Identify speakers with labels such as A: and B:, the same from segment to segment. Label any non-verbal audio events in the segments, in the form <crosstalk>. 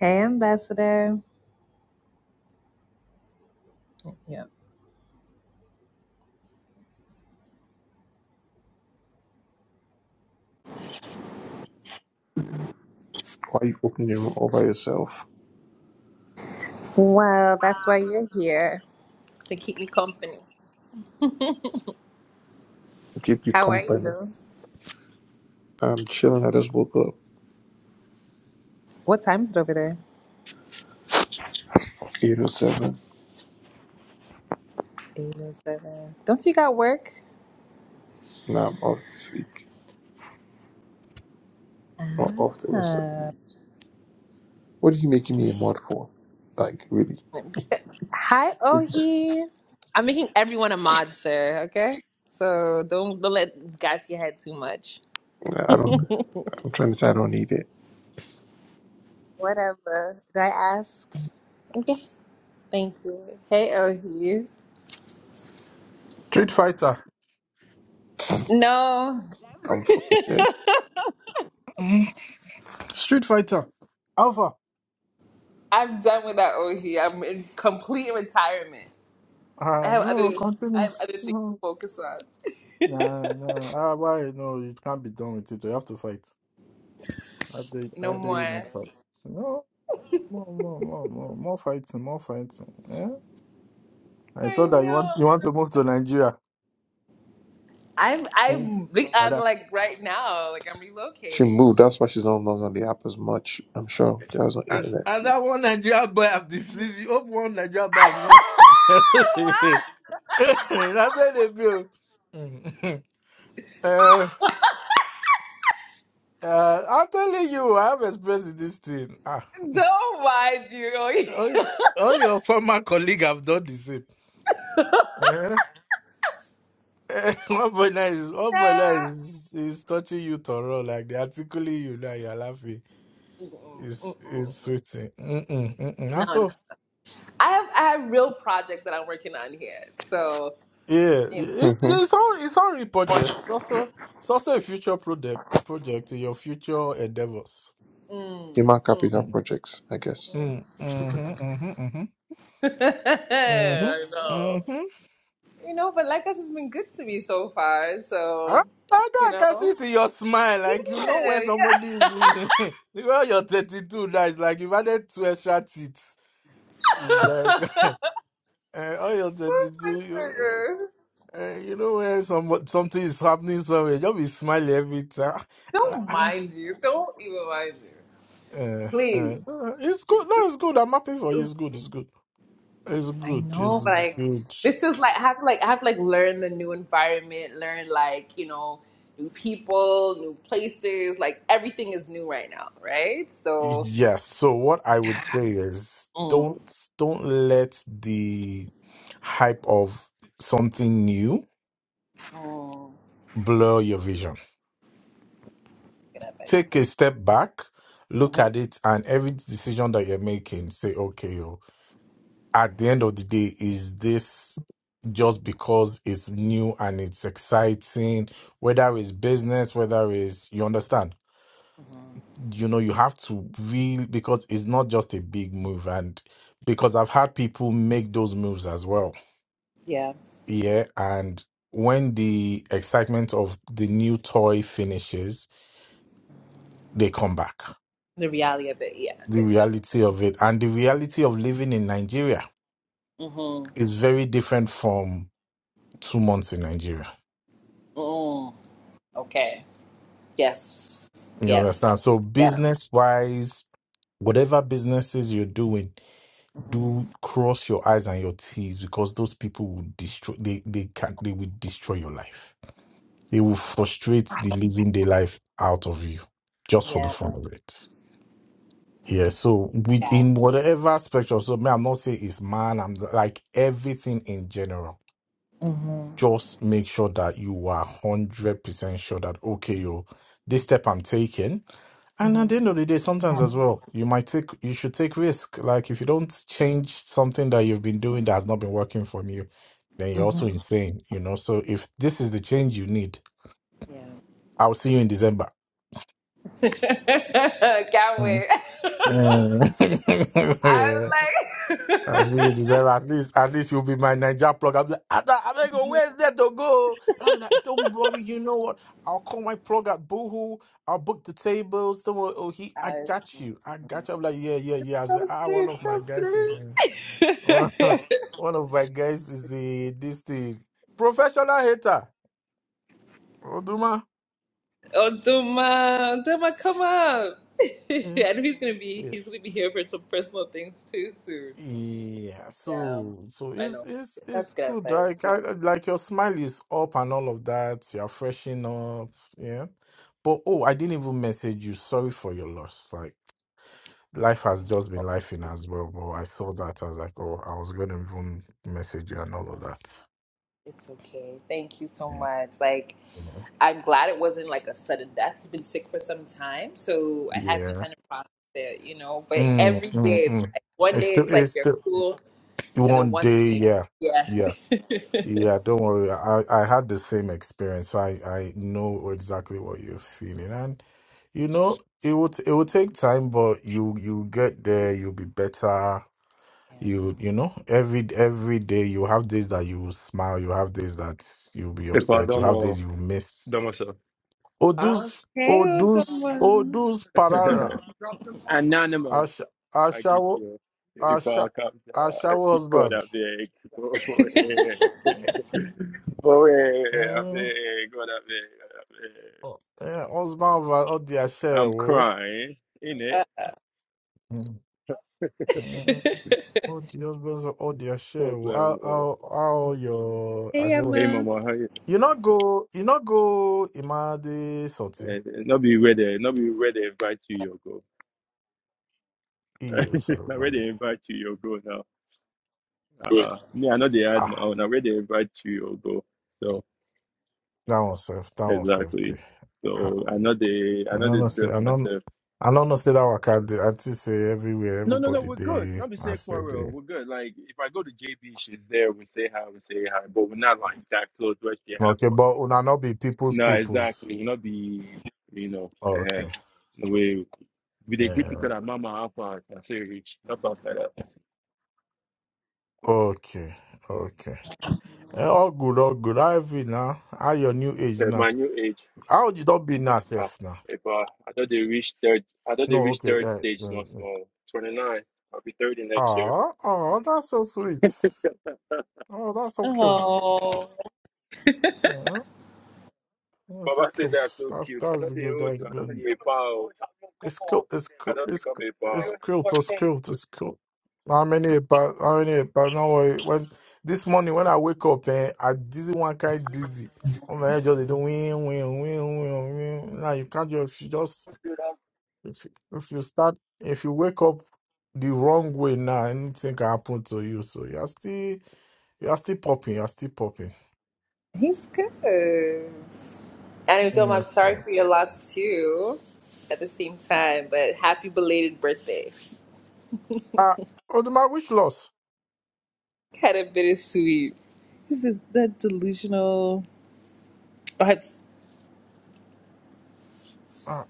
A: Hey, Ambassador. Yep.
B: Why you opening your room all by yourself?
A: Well, that's why you're here to keep me company.
B: Keep you
A: How are
B: company.
A: you?
B: I'm chilling. I just woke up.
A: What time is it over there?
B: 807.
A: 807. Don't you got work?
B: Now I'm off this week. Or off the rest of the
A: Ah.
B: week. What are you making me a mod for? Like, really? <laughs>
A: Hi,
B: It's-
A: Ohi. I'm making everyone a mod, sir, okay? So don't, don't let gas your head too much. <laughs>
B: I don't. I'm trying to say I don't need it.
A: Whatever. Did I ask? Okay. Thank you. Hey, Ohi.
C: Street Fighter.
A: No,
B: I'm fucking dead.
C: Mm. Street Fighter. Alpha.
A: I'm done with that Ohi. I'm in complete retirement. I
C: Ah,
A: have other
C: no,
A: I
C: continue.
A: have other things to
C: No.
A: focus on.
C: Nah, nah. Ah, why? No, you can't be done with it. You have to fight. How dare, how
A: No
C: dare
A: more.
C: you not fight? So, no, more, more, more, more, more fighting, more fighting. Eh? I
A: I
C: saw that you
A: know.
C: want you want to move to Nigeria.
A: I'm
C: Mm.
A: I'm I'm
C: Ada.
A: like right now, like I'm
B: She
A: relocating.
B: moved. That's why she's not long on the app as much. I'm sure she has no
C: And,
B: internet.
C: and that one Nigeria boy have the flip. You hope one Nigeria boy have
A: <laughs>
C: not. <laughs>
A: Wow.
C: That's where they build. <laughs> Uh, I'm telling you, I have experienced this thing. Ah,
A: Don't mind you. <laughs>
C: all, your, all your former colleague have done the same. Eh? Eh, <laughs> One point nine is one point nine
A: Mm-mm,
C: is, is touching you to roll like they are tickling you now. You're laughing.
A: mm-mm.
C: It's
A: mm-mm.
C: it's
A: <laughs>
C: sweet. thing. Mm-mm, mm-mm.
A: No,
C: That's
A: no.
C: all.
A: I have I have real projects that I'm working on here. So,
C: Yeah,
A: you know.
C: it,
B: Mm-hmm.
C: it's all it's all projects. It's also it's also a future project project in your future endeavors.
B: Human
A: Mm,
B: capital
C: Mm.
B: projects, I guess.
C: Mm, mm-hmm, mm-hmm, mm-hmm,
A: mm. <laughs>
C: mm-hmm,
A: I know.
C: mm-hmm.
A: You know, but life has just been good to me so far.
C: Huh?
A: So,
C: I know
A: you
C: I can see
A: know.
C: it in your smile.
A: Yeah,
C: Like you know when somebody
A: yeah. <laughs>
C: is well, <laughs> you're 32 now. It's like you've added two extra teeth. It's like <laughs> uh, oh you're
A: Where's my
C: 32. You,
A: burger?
C: uh, you know when some something is happening somewhere, just be smiling every time. <laughs> Ah,
A: Don't
C: ah,
A: mind you. Don't even mind you.
C: Uh,
A: Please.
C: uh, it's good. No, it's good. I'm happy for you. It's good. It's good. It's
A: I
C: good.
A: know,
C: It's
A: but like
C: good.
A: this is like I have to like I have to like learn the new environment, learn like, you know, new people, new places. Like everything is new right now, right? So
C: Yes. So what I would
A: yeah.
C: say is
A: mm,
C: don't don't let the hype of something new
A: mm,
C: blur your vision.
A: good advice.
C: Take a step back, look
A: hmm hmm
C: at it, and every decision that you're making, say, okay, oh, at the end of the day, is this just because it's new and it's exciting, whether it's business, whether it's you understand? you know you have to really because it's not just a big move and because i've had people make those moves as well
A: Yeah.
C: yeah and when the excitement of the new toy finishes they come back
A: The reality of it, yeah, I
C: the
A: said so.
C: reality of it and the reality of living in nigeria
A: Mm-hmm.
C: is very different from two months in nigeria
A: Mm. Okay. Yes.
C: you
A: Yes.
C: understand so
A: Yes.
C: business wise whatever businesses you're doing
A: hmm
C: do cross your eyes and your t's because those people will destroy they they can they will destroy your life they will frustrate the living their life out of you just for the
A: Yeah.
C: fun of it yeah so within whatever spectrum so me i'm not saying it's man i'm like everything in general
A: hmm
C: just make sure that you are 100% sure that, okay, yo, this step I'm taking. And
A: hmm
C: at the end of the day, sometimes as well, you might take, you should take risk. Like if you don't change something that you've been doing that has not been working for you, then you're
A: hmm
C: also insane, you know? So if this is the change you need,
A: Yeah.
C: I'll see you in December.
A: <laughs> Can't
C: Mhm.
A: wait. <laughs> I
C: <laughs>
A: was like,
C: I see you deserve at least at least you'll be my Niger plug. I'm like, Ada, I'm like, where's there to go? And I'm like, don't worry, you know what? I'll call my plug at Boohoo. I'll book the tables. Don't worry, oh he,
A: <laughs>
C: I
A: Guys.
C: got you. I got you. I'm like, yeah, yeah, yeah. I said,
A: come
C: ah,
A: through,
C: one of my
A: come
C: guys is
A: through.
C: in. <laughs>
A: <laughs>
C: one of my guys is the this thing professional hater. Oduma.
A: oh, Duma, Duma, come up. <laughs> I know he's gonna be
C: Yeah,
A: he's gonna be here for some personal things too soon.
C: Yeah,
A: Yeah,
C: so so
A: I
C: it's
A: know.
C: it's
A: That's
C: it's
A: good
C: good.
A: advice.
C: Like
A: Yeah.
C: I, I- like your smile is up
A: yeah.
C: and all of that. You are freshening up, yeah. But oh, I didn't even message you. Sorry for your loss. Like life has
A: Thank
C: just been
A: you.
C: lifing as well. But I saw that. I was like, oh, I was gonna even message you and all of that.
A: It's okay. Thank you so
C: Yeah,
A: much. Like.
C: yeah.
A: I'm glad it wasn't like a sudden death. he have been sick for some time, so I had some
C: yeah.
A: time to process it, you know. But
C: Mm,
A: every
C: mm,
A: day it's
C: mm.
A: like one
C: It's
A: day
C: still
A: it's like
C: it's
A: you're
C: still
A: cool, and then
C: one
A: one
C: day.
A: thing,
C: Yeah,
A: yeah.
C: yeah.
A: <laughs>
C: Yeah, don't worry. I, I had the same experience, so I, I know exactly what you're feeling. And you know, it would it would take time, but you you get there, you'll be better. You you know, every every day you have days that you will smile, you have days that you'll be upset, you have
D: Ipadomo,
C: days you will miss.
D: Domoso.
C: Odus
A: Hey,
C: Odus
A: Otomo.
C: Odus Parara
D: <laughs> Anonymous,
C: Ash
D: I greet
C: Ashawo
D: you.
C: Asha
D: Ipakamta,
C: Ashawo
D: God
C: husband.
D: avek. Boe,
C: Mm. Mm.
D: avek, God avek, avek.
C: Oh, yeah, husband of all the
D: <laughs> I'm
C: Ashawo.
D: crying, in it.
A: Uh,
C: Mm, mm,
A: <laughs>
C: All the husbands of all their share. oh, How
D: Problem. Oh.
C: how how your ashewa?
D: Hey, mama, how you?
C: You not go. You not go. Imade something.
D: Uh, not be ready, not be ready. Invite you, your go.
C: Iyero
D: <laughs> not
C: sarubami.
D: ready. Invite you, your go now. Uh, uh me, I know they had my
C: Ah,
D: own. I ready. Invite you, your go. So,
C: that one safe. That one safety.
D: Exactly.
C: Ah,
D: So I know they I
C: I
D: know
C: don't
D: they
C: know. Say
D: stress
C: I don't.
D: myself.
C: I don't know. Say that waka. dey- I just say everywhere.
D: No, no, no,
C: Everybody
D: we're good.
C: they.
D: Not be
C: I
D: say
C: say they.
D: quarrel.
C: dey.
D: We're good. Like if I go to JB, she's there, we say hi, we say hi, but we're not like that close where she have
C: Okay,
D: to.
C: but una not be people's
D: No,
C: peoples.
D: exactly. We'll not be you know, uh,
C: Okay.
D: the way we they
C: Eh,
D: greet each other mama how far I say reach. Not past like that.
C: okay. Okay. Eh, all good. All good. How heavy now? How your new age
D: Uh,
C: now?
D: my new age.
C: How you don't be now,
D: Ah,
C: safe now?
D: if uh, I thought they reach third I thought they
C: No,
D: reach
C: okay.
D: third
C: Uh,
D: stage small
C: mm,
D: small. Twenty nine. I'll be thirty next year.
C: ah, ah, that's so sweet. Oh, that's so cute.
A: Oh,
C: Uh, that's
D: Baba
C: so
D: said they
C: cute.
D: are so
C: That's
D: cute. I know
C: that's
D: they
C: good.
D: old.
C: That's
D: I know
C: good.
D: they a pal.
C: It's cute. It's
D: I
C: cute.
D: know they
C: It's
D: come
C: cu-
D: a
C: it's
D: pal.
C: cute. It's cute. It's cute. How many about how many about no worry. When this morning when I wake up, eh, I dizzy one kind dizzy. On my head, just they do win, win, win, win, win. Now you can't just you just If if you start, if you wake up the wrong way now, anything can happen to you. So you are still, you are still popping. You are still popping.
A: he's good. and Dom, I'm
C: Yes.
A: sorry
C: So.
A: for your loss too. At the same time, but happy belated birthday.
C: Ah, Oduma, which loss?
A: Kind of bittersweet. This is that delusional.
C: Ah,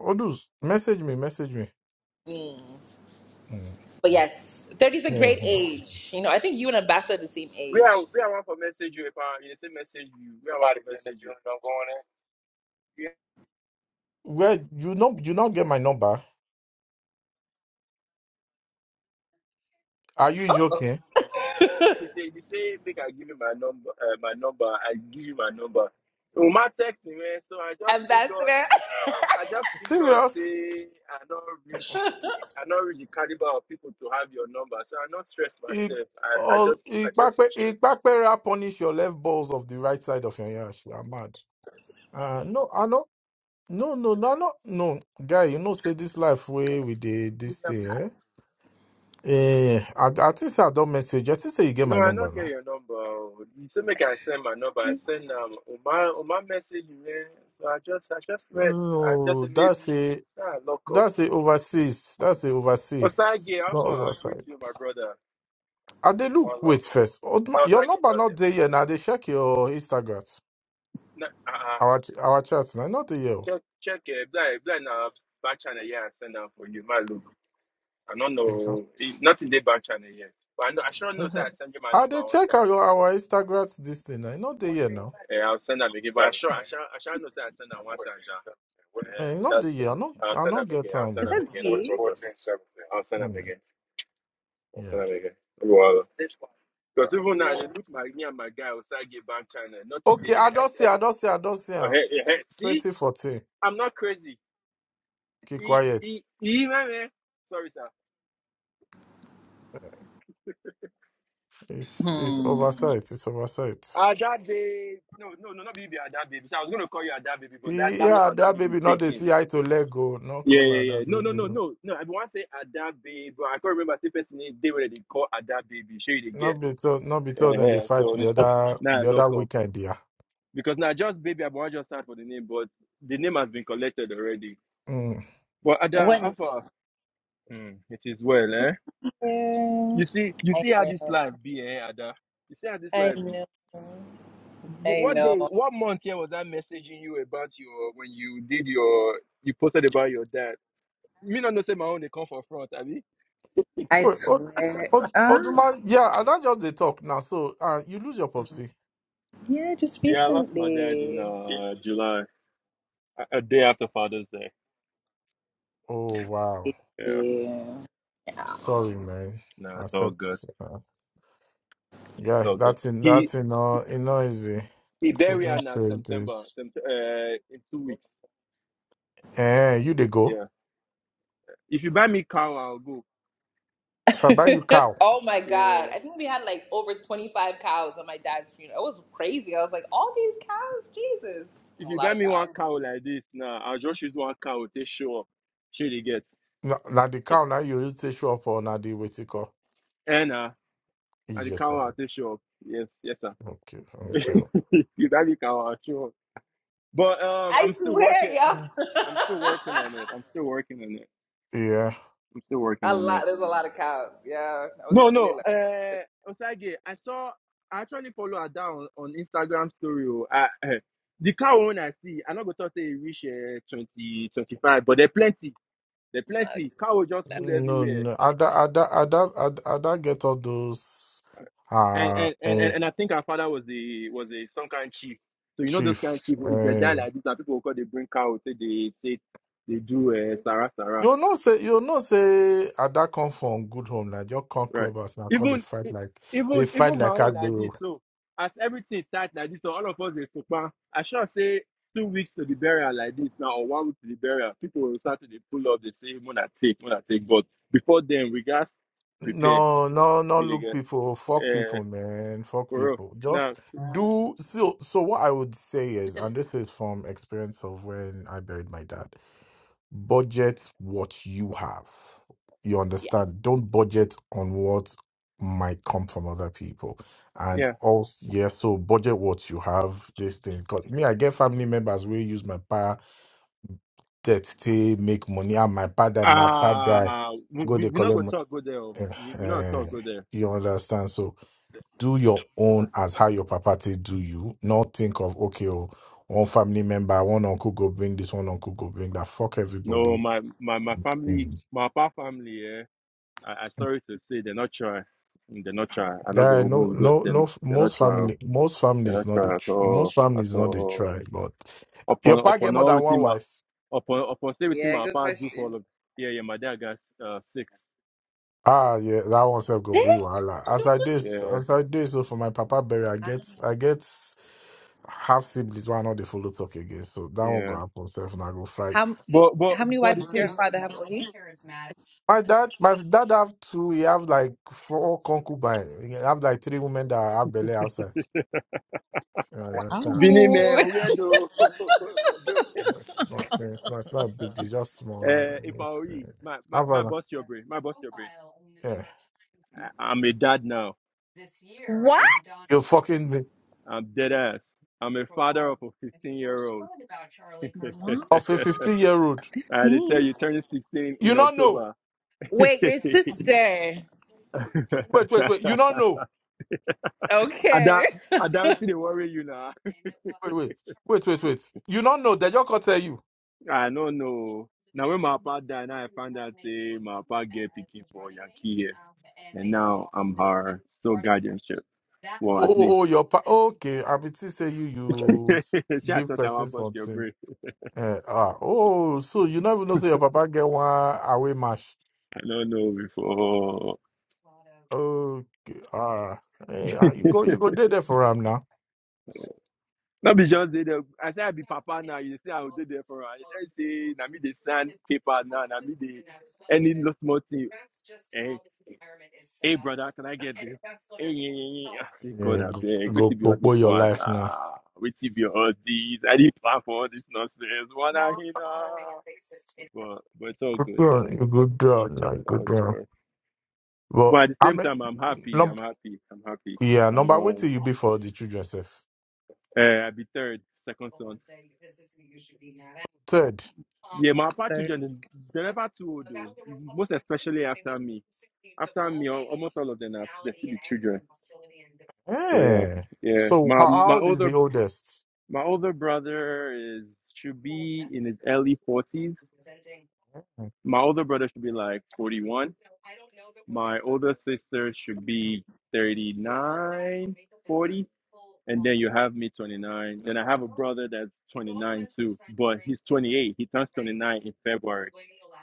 C: Odus, message me. Message me. Mm.
A: But yes, 30 is a great
C: Mhm.
A: age. You know, I think you and Ambassador are the same
D: We are
A: age.
D: we are one for message you a pal? You say message you. Where I want for said that message you? you. don't go on there.
C: Well, you know, you not get my number. Are you joking?
D: He say you say make I give you my number. Uh, my number. I give you my number. So Uma text me man. So I just figured.
A: Ambassador. <laughs>
D: I just figured
C: Serious?
D: say I not reach the I not reach the caliber of people to have your number. So I not stress
C: It,
D: myself. I I
C: all,
D: just I
C: it, back,
D: just chill.
C: it back, punish your left balls of the right side of your yash. You are mad. Uh, no, I know. No, no, no, no, no, guy. You know, say this life way with the
A: You're
C: this day,
A: a pop.
C: eh? Eh, I, I think say I don't message. I think say you get
D: No,
C: my
D: I
C: number
D: not get
C: now.
D: your number. oh. You say make I send my number. I send um on my on my message you eh? So I just I just rest. I just
C: No,
D: say
C: that's
D: maybe
C: a
D: ah lock up.
C: that's a overseas. That's a
D: Osage,
C: overseas,
D: how
C: not
D: far? I greet
C: oversight.
D: you, my brother,
C: I they
D: and
C: look
D: one love,
C: wait
D: man.
C: first. Old ma-
D: Now
C: Your
D: Osage,
C: number
D: there was
C: not
D: a-
C: there yet. Now they check your Instagram.
D: na uh uh
C: Our ch- our chats now not there yet.
D: check check eh blind blind now. back channel here. I send am for you. My look, I don't
C: It's not.
D: know eh, nothing dey back channel yet, but I know I sure know say I
C: Mhm.
D: send you my
C: I
D: number
C: they
D: one
C: check
D: time.
C: our
D: oh.
C: our Instagram this thing. I not there yet now.
D: Yeah, I'll send them again. But I sure, I shall, I shall not say I send them one time, John.
C: Eh,
D: Yeah,
C: not
D: that
C: there yet. I not
D: I'll
C: I
D: send them
C: not get
D: again. I'll
C: time
D: send
A: Is
D: them
C: more.
A: that
D: again. Let me talk
A: Z?
D: to them. I'll send them
C: Yeah,
D: again. I'll
C: yeah.
D: send them again. Because even now
A: Yeah.
D: they look like me and my guy Osage Bank China. Nothing
C: Okay,
D: did they eh, eh,
C: Adosia,
D: this-
C: Adosia,
D: oh,
C: Adosia.
D: hey, hey, hey. see?
C: 2014.
D: I'm not crazy.
C: Keep
D: E,
C: quiet.
D: e, e, man, man. Sorry, sir.
C: It's it's
A: Hmm.
C: oversight. It's oversight.
D: Ada babe. No, no, no, not baby Ada baby. So I was gonna call you Ada baby, but that, that name
C: Yeah,
D: has
C: that
D: already been
C: baby not the
D: taken.
C: see eye to let go. No
D: Yeah,
C: color
D: yeah, yeah.
C: that
D: No, no,
C: baby.
D: no, no, no. I want to say Ada Baby, but I can't remember the person name. They were they call Ada Baby. Sure, they
C: Not
D: get.
C: be told not be told then they
D: uh
C: fight
D: So n-
C: the other
D: now I
C: the other
D: lock up
C: weekend, yeah.
D: because now just Baby. I want just start for the name, but the name has been collected already.
C: Mm.
D: But Ada
A: When?
D: Alpha, mm, it is well, eh?
A: Yeah.
D: You see, you
A: I
D: see how this
A: know.
D: life be, eh, Ada? You see how this
A: I
D: life be?
A: know.
D: Wh-
A: I
D: What
A: know.
D: day, what month here was I messaging you about your when you did your you posted about your dad? Me not know say my own they come for front, Abi.
A: I
C: Wait, old,
A: swear.
C: old,
A: Ah,
C: old man, yeah, and that just the talk now. So uh you lose your popsy.
A: yeah, just
D: Yeah, I lost my dad in
A: recently.
D: uh July, a a day after Father's Day.
C: Oh wow.
D: Yeah,
A: Yeah.
C: Sorry, man.
D: no, it's all
C: Accept
D: good.
C: uh,
D: It's
C: yeah,
D: all good.
C: that's in
D: He
C: that's in all in easy.
D: he buried her
C: Couldn't
D: in uh,
C: save
D: September,
C: this.
D: sept- uh, in two weeks.
C: Eh, you dey go.
D: Yeah. If you buy me cow, I'll go.
C: If I buy you
A: <laughs>
C: cow,
A: oh my
D: Yeah.
A: god! I think we had like over twenty-five cows on my dad's funeral. It was crazy. I was like, all these cows, Jesus,
D: If
A: a
D: you buy
A: lot of
D: me one
A: cows.
D: cow like this, nah, I'll just use one cow to show up. Should you get?
C: now the cow now you use to show up on the what you call.
D: And uh, and the
C: Yes, sir.
D: cow I'll take show up. Yes, yes, sir.
C: Okay,
D: <laughs>
C: okay.
D: if you buy me cow, I'll show up. But um,
A: I
D: I'm still
A: swear,
D: working.
C: Mm.
A: y'all.
D: I'm still working on it. I'm still working on it.
C: Yeah.
D: I'm still
A: <laughs>
D: working
A: a
D: on
A: lot.
D: it.
A: There's a lot of cows. Yeah, that was
D: No,
A: really
D: no.
A: low.
D: Uh, Osage, I saw. I actually follow her down on Instagram story. oh. I, eh, the cow own I see. I'm not gonna talk say e reach uh, 2025, but they're plenty. They're plenty.
A: Uh,
D: Cow just full
C: No,
D: everywhere.
C: no. Ada, Ada, Ada, Ada, Ada get all those.
D: And
C: Uh,
D: and, and and
C: eh,
D: and I think her father was the was a some kind chief. So you know those kind of
C: chief.
D: chief. If they die
C: Eh.
D: like this, and people will call they bring cow. Say they say they do uh, Sarah Sarah.
C: You know say you know say Ada come from good home now. Just come
D: Right.
C: clubbers now. Come they
D: Even
C: fight
D: e-
C: like they
D: even
C: fight
D: even my
C: like
D: own like this.
C: Agbero.
D: So as everything start like this, so all of us is super. I sure say two weeks to the burial like this now, or one week to the burial, people will start to dey pull up, they say when I take, when I take. But before then we got prepare.
C: No, no, no.
D: You
C: Look,
D: get
C: people, fuck
D: uh,
C: people, man, fuck
D: for real.
C: people.
D: Now
C: Just
A: uh,
C: do so. So what I would say is, and this is from experience of when I buried my dad. Budget what you have. You
A: yeah.
C: understand? Don't budget on what might come from other people. And
D: yeah.
C: also, yeah. So budget what you have. This thing, cause me, I get family members will use my pa that they make money. And my pa die, my pa die.
D: Ah, we
C: Go
D: we
C: they
D: we not go
C: collect
D: talk go there. oh.
C: Eh,
D: We we not
C: eh,
D: talk go there.
C: you understand? So do your
D: Huh?
C: own as how your papa take do you. Not think of okay, oh, one family member, one uncle go bring this, one uncle go bring that. Fuck
D: No,
C: everybody.
D: my my my family,
C: Mm.
D: my papa family. eh, I, I sorry to say they're not try. They're not try. I not go
C: Yeah, no,
D: almost good.
C: no, no.
D: Then
C: f-
D: they're not
C: Most
D: try.
C: family, most
D: They're
C: families
D: not
C: not the
D: try at
C: tr- most
D: all. At
C: families not the
D: all.
C: try. But your
D: Upon
C: pa get
D: upon
C: more
D: all
C: than one
D: within my
C: wife.
D: upon upon say within
A: Yeah,
D: my
A: good
D: part do for
A: question.
D: all of yeah yeah my dad got uh six
C: Ah, yeah, that one self go
A: Six?
C: bring wahala. As I do,
D: yeah
C: as I do so for my papa burial,
A: Wow.
C: I get, I get half siblings why not the follow talk again. So that one go
D: yeah.
C: happen self and I go fight.
A: How
D: But but
A: how many
D: but the
A: wives did your
D: thing.
A: father have, Ohi?
C: My dad, my dad have two. He have like four concubines. He have like three women that have belly outside. You understand?
D: Bini
C: It's not,
A: Oh,
D: man, weirdo. <laughs> uh,
C: it's not, it's not, it's not big. It's just small.
D: if I were
C: It's, uh,
D: you, my my
C: have
D: my
C: an,
D: boss your brain, my boss your brain.
C: yeah.
D: I, I'm a dad now.
A: <laughs> what?
C: You fucking
D: I'm dead ass. I'm a father of a 15 year old.
A: Wow.
C: of
D: <laughs>
C: a fifteen year old.
D: Uh, they tell
A: 15.
D: you turning 16
C: You
D: in
C: not know.
D: October. <laughs>
A: Wait, your sister?
C: Wait, wait, wait. You don't know.
A: Okay.
D: Ada,
A: <laughs>
D: Ada, wetin dey <laughs> worry you now?
C: Wait, wait, wait, wait, wait. You don't know. They just can't tell you.
D: <laughs> I do know. Now when my papa died, now I found out say my papa get picking for Yankee here, and now I'm her sole guardianship. Well,
C: Oh,
D: at least.
C: oh, oh, your pa- okay. I mean, to say you
D: <laughs> she
C: you s-
D: had
C: give
D: thought I
C: person
D: want bust your
C: something.
D: brain.
C: Eh, ah, oh, so you never know say your papa get one away match.
D: I don't know before.
C: Okay, ah, eh, ah, you
D: <laughs>
C: go, you go there there for him now.
D: Not be just dey there. I say I be papa now. You say I will do there for her. You tell me say na me dey sign paper now. Na me dey any small thing. Eh? Hey, brother, can I get this? Hey, yeah, yeah, yeah. I say,
C: Yeah.
D: God, I
C: go,
D: beg. Wait
C: go,
D: till be
C: go,
D: all
C: go
D: this
C: your
D: one.
C: life now.
D: Nah. Wait till be all this. I didn't plan for all this nonsense. One I hear now. But, but it's all
C: Good
D: good, though.
C: run, you good
D: Oh
C: down
D: joy,
C: now, you good
D: oh
C: down.
D: joy.
C: But
D: But at the
C: I
D: same time, I'm happy.
C: mean,
D: I'm happy. I'm happy.
C: Yeah,
D: I
C: number wait
D: know.
C: till you be for the children self.
D: Uh, I'll be third, second son.
C: Third.
D: Yeah, my Apache
A: 3rd
D: children, they're never too old though. Most especially after me. After me, al- almost all of them are they still be children. So yeah,
C: Eh.
D: yeah.
C: So how,
D: My
C: how
D: my
C: old is
D: older
C: the oldest?
D: My older brother is should be in his early forties.
C: Eh.
D: My older brother should be like forty one. My older sister should be 39, 40, And then you have me 29. Then I have a brother that's 29 too, but he's 28. He turns 29 in February.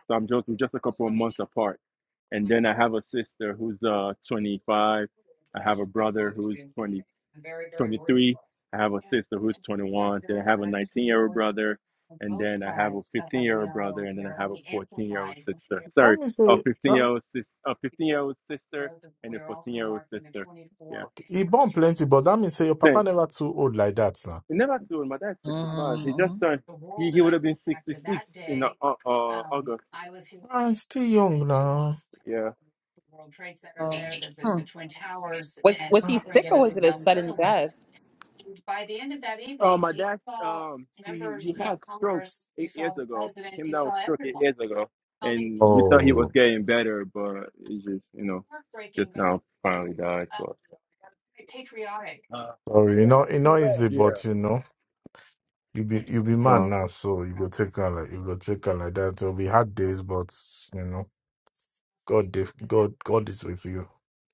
D: So I'm just, we're just a couple of months apart. And then I have a sister who's uh 25. I have a brother who's twenty. 23. I have a sister who's 21. Then I have a 19 year old brother. And then I have a 15 year old brother. And then I have a 14 year old sister.
C: That
D: Sorry,
C: means
D: a
C: say
D: 15 year
C: that
D: old sis, a 15 year old sister, and a 14 year old sister. Yeah.
C: Okay, he born plenty, but that means say your papa
D: Then
C: never too old like that now.
D: it never too old. My dad's 65. He just
A: Mm-hmm.
D: turned. He, he would have been 66 in uh, uh, August.
C: Ah, he's still young now.
D: Yeah.
A: Oh. Hmm. Was was he sick or was it a sudden death?
D: Uh, my dad, um, he he had stroke eight years ago. He came down with stroke eight years ago, and we thought he was
C: Oh,
D: getting better, but he just, you know, just now finally died. But
C: sorry, you know, you know, easy, but you know, you be you be
D: Uh,
C: man now, so you go take her like you go take her like that. It'll be hard days, but you know, God, if- God, God is with you.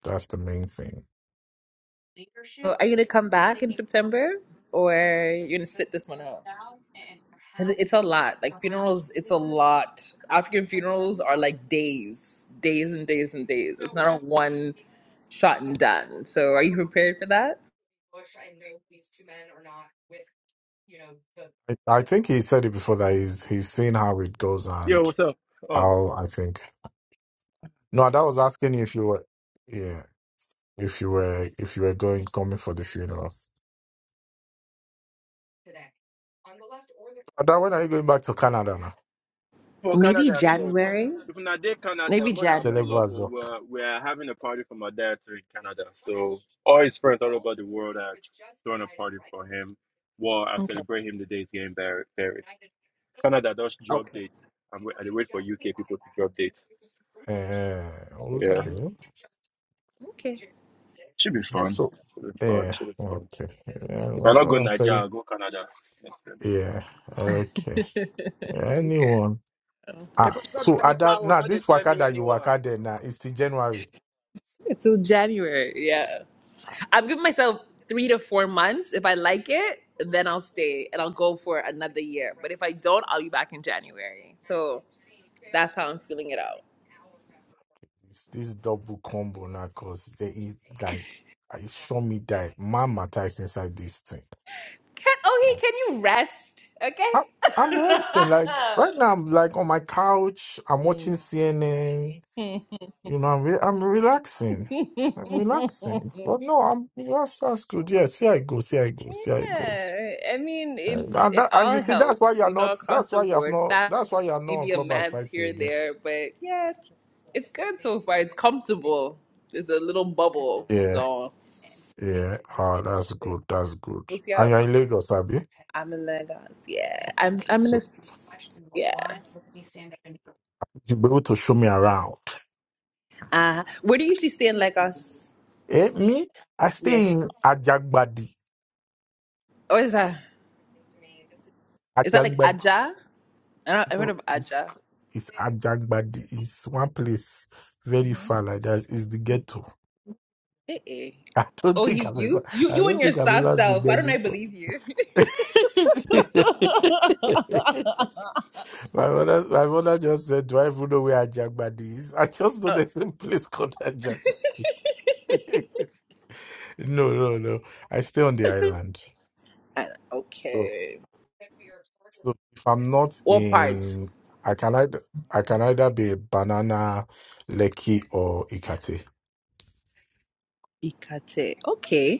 C: That's the main thing.
A: So are you gonna come back in September, or you're gonna sit this one out? And it's a lot. Like funerals, it's a lot. African funerals are like days, days and days and days. It's not a one shot and done. So are you prepared for that?
C: I, I think he said it before that he's he's seen how it goes
D: yo,
C: and
D: what's up? Oh,
C: how I think. No, that was asking you if you were, yeah, if you were if you were going coming for the funeral. Ada, when are you going back to Canada now?
D: for
A: Maybe
D: Canada, sir.
A: January.
D: If not did Canada,
A: Maybe
D: when I
A: January.
D: pull up,
C: Celebrate,
D: or
C: Zok.
D: we're, we're having a party for my dad here in Canada. So all his friends all over the world are throwing a party for him. Well, I
A: Okay.
D: celebrate him the day he's getting buried. buried. Canada does drop
A: Okay.
D: dates. I'm, wait- I dey wait for UK people to drop dates.
C: Eh,
D: Yeah.
A: Mm,
C: okay.
A: Okay,
D: Should be
A: that's
D: fun.
C: So,
D: Should be fun.
C: yeah,
D: Should be fun.
C: okay. Yeah,
D: If I not go
C: well, I said
D: Nigeria,
C: it.
D: I'll go Canada next time.
C: Yeah, okay.
A: okay.
C: Anyone? Ah,
D: If I come
C: so
D: buy me
C: Ada,
D: cow,
C: now
D: no they
C: this
D: tell
C: waka
D: me
C: that you
D: anyone.
C: waka there now, it's the January.
A: Until January, yeah. I've given myself three to four months. If I like it, then I'll stay and I'll go for another year. But if I don't, I'll be back in January. So that's how I'm feeling it out.
C: It's this double combo now, cause they eat like I show me that my matter is inside this thing.
A: Can oh he can you rest? Okay.
C: I, I'm resting, like right now. I'm like on my couch. I'm watching CNN. You know, I'm re- I'm relaxing. I'm
A: <laughs>
C: relaxing. But no, I'm yes, that's good. Yeah, see how it goes. See how it goes. See how it goes.
A: yeah. I mean it's
C: And, and,
A: it
C: that, and you
A: all
C: see, that's why
A: helps,
C: you are
A: you know,
C: not.
A: across
C: That's
A: the
C: why you have
A: board.
C: not.
A: Fat
C: That's why you are not on
A: maybe a
C: clubhouse
A: man's
C: fighting
A: here and
C: again.
A: there, but yeah, it's good so far. It's comfortable. It's a little bubble.
C: Yeah,
A: So
C: <laughs> yeah. Oh, that's good. That's good.
A: What's Lucio.
C: And you're in Lagos, Abi?
A: I'm in Lagos. Yeah. I'm
C: Okay,
A: I'm in
C: so
A: this yeah.
C: you be able to show me around.
A: Uh where do you usually stay in Lagos?
C: Eh, me, I
A: Yeah.
C: stay in Ajagbadi.
A: Or is that is that like
C: Ajagbadi,
A: Aja? I don't I heard
C: no,
A: of
C: it's
A: Aja.
C: it's Ajagbadi. It's one place very far like that. It's the ghetto.
A: Eh eh.
C: <laughs> I don't
A: Oh
C: think
A: he
C: I've ever,
A: you? You
C: I
A: you
C: don't
A: and your
C: think I've
A: soft
C: ever been
A: self.
C: there
A: Why don't I
C: before.
A: believe you?
C: <laughs> my mother, my mother just said, "Do I even know where Ajagbadi is?" <laughs> I just
A: <laughs>
C: know
A: oh
C: there's a place called Ajagbadi. <laughs> no, no, no. I stay on the island.
A: I-
C: so.
A: okay.
C: So if I'm not
A: What part?
C: in, I can either I can either be Banana, Lekki, or Ikate.
A: Ikate. Okay.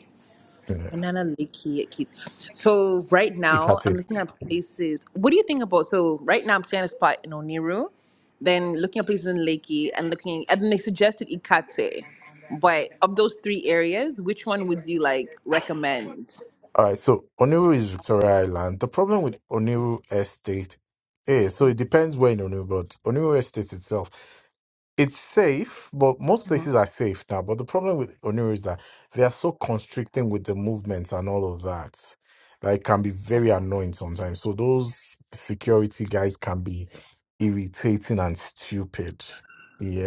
C: Yeah,
A: Banana Lake Key Keith. So right now I'm
C: Ikate.
A: looking at places. What do you think about? So right now I'm seeing a spot in Oniru, then looking at places in Lakey and looking, and then they suggested Ikate. But of those three areas, which one would you like recommend?
C: All right. So Oniru is Victoria Island. The problem with Oniru Estate, eh? So it depends where in Oniru, but Oniru Estate itself. it's safe, but most
A: Mm-hmm.
C: places are safe now. But the problem with Oniro is that they are so constricting with the movements and all of that. Like it can be very
A: Okay.
C: annoying sometimes. So those security guys can be irritating and stupid.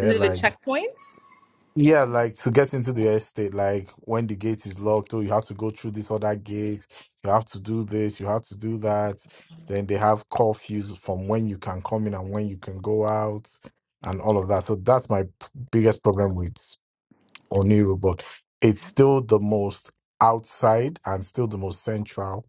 A: Is it the
C: like
A: checkpoints?
C: yeah, like to get into the estate, like when the gate is locked, oh, you have to go through this other gate, you have to do this, you have to do that. Then they have curfews from when you can come in and when you can go out and all of that. So that's my p- biggest problem with Oniru, but it's still the most outside and still the most central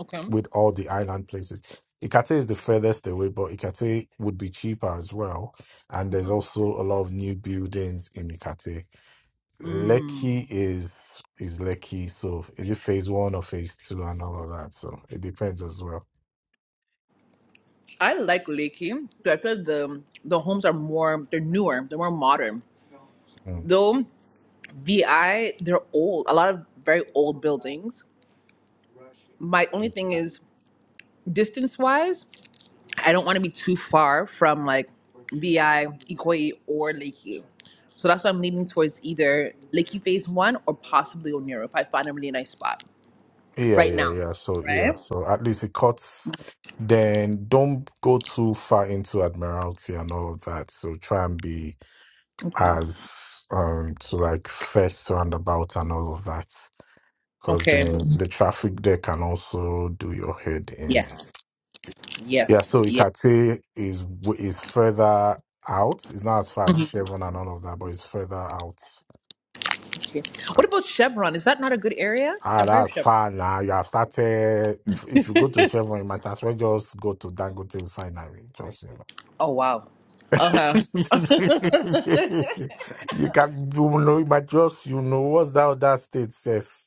A: Okay.
C: with all the island places. Ikate is the furthest away, but Ikate would be cheaper as well. And there's
A: Mhm.
C: also a lot of new buildings in Ikate
A: Mm.
C: Lekki is is Lekki, so is it phase one or phase two and all of that? So it depends as well.
A: I like Lakey. So I feel the the homes are more they're newer, they're more modern.
C: Mm.
A: Though VI, they're old. A lot of very old buildings. my only thing is distance wise, I don't want to be too far from like VI, Ikoyi, or Lakeview. So that's why I'm leaning towards either Lakeview Phase 1 or possibly Oniro if I find a really nice spot
C: Yeah,
A: right
C: yeah,
A: now.
C: yeah. So yeah,
A: Right?
C: so at least it cuts. Then don't go too far into Admiralty and all of that. So try and be
A: Okay.
C: as um to like first roundabout and all of that, because
A: Okay.
C: then the traffic there can also do your head in.
A: Yes.
C: Yeah,
A: Yes.
C: so
A: Yes.
C: Ikate is w- is further out. It's not as far as
A: Mhm.
C: Chevron and all of that, but it's further out.
A: Okay.
C: Ah,
A: What about Chevron? Is that not a good area?
C: ah,
A: I've heard of
C: that's
A: Chevron.
C: far now. You have started. If, if you go to Chevron, you might as well just go to Dangote Refinery. Just
A: Oh, wow. Okay.
C: you know,
A: <laughs>
C: <laughs> you can you know, you just you know what's that other state safe.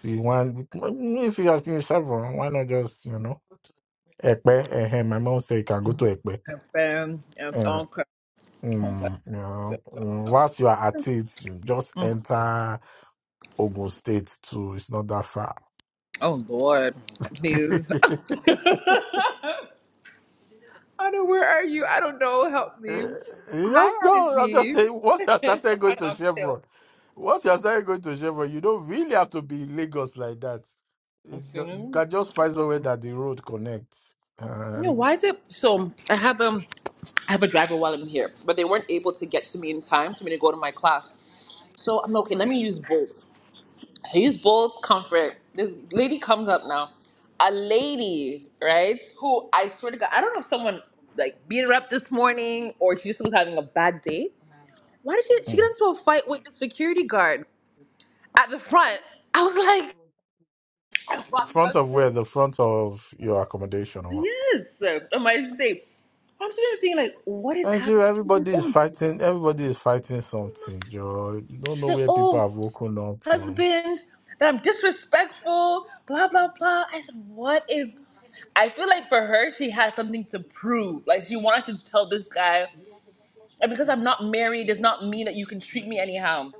C: The one if you are in Chevron, why not just you know Ekpe? eh, eh, my mom said you can go to Ekpe.
A: Um, yes, okay.
C: Mm,
A: Okay.
C: you know, mm, whilst you are at it, you just
A: <laughs>
C: enter Ogun State too. It's not that far.
A: Oh Lord,
C: <laughs> you
A: please. <laughs> Anna, Where are you? I don't know. Help me. Hi,
C: just no, I'm just
A: Odyssey.
C: saying. Once you are
A: <laughs> Hi,
C: started going to
A: Oxtail.
C: Chevron, once you are started going to Chevron, you don't really have to be in Lagos like that. It's just, you
A: See?
C: can just find somewhere that the road connects,
A: Yeah.
C: and
A: Why is it? So I have um, I have a driver while I'm here, but they weren't able to get to me in time for me to go to my class. So I'm like, okay. Let me use Bolt. I use Bolt Comfort. This lady comes up now, a lady, right? Who I swear to God, I don't know if someone like beat her up this morning or she just was having a bad day. why did she she get
C: mm.
A: into a fight with the security guard at the front? I was like,
C: front of where the front of your accommodation.
A: yes, on my state. I'm sitting there thinking like, what is happening?
C: Nigeria,
A: She's like,
C: everybody is
A: oh,
C: fighting. Everybody is fighting something, Joe. You don't
A: she's
C: know
A: like,
C: where people
A: oh,
C: have woken up from.
A: husband, that I'm disrespectful, blah blah blah. I said, what is? I feel like for her, she had something to prove. Like she wanted to tell this guy, and because I'm not married, does not mean that you can treat me anyhow.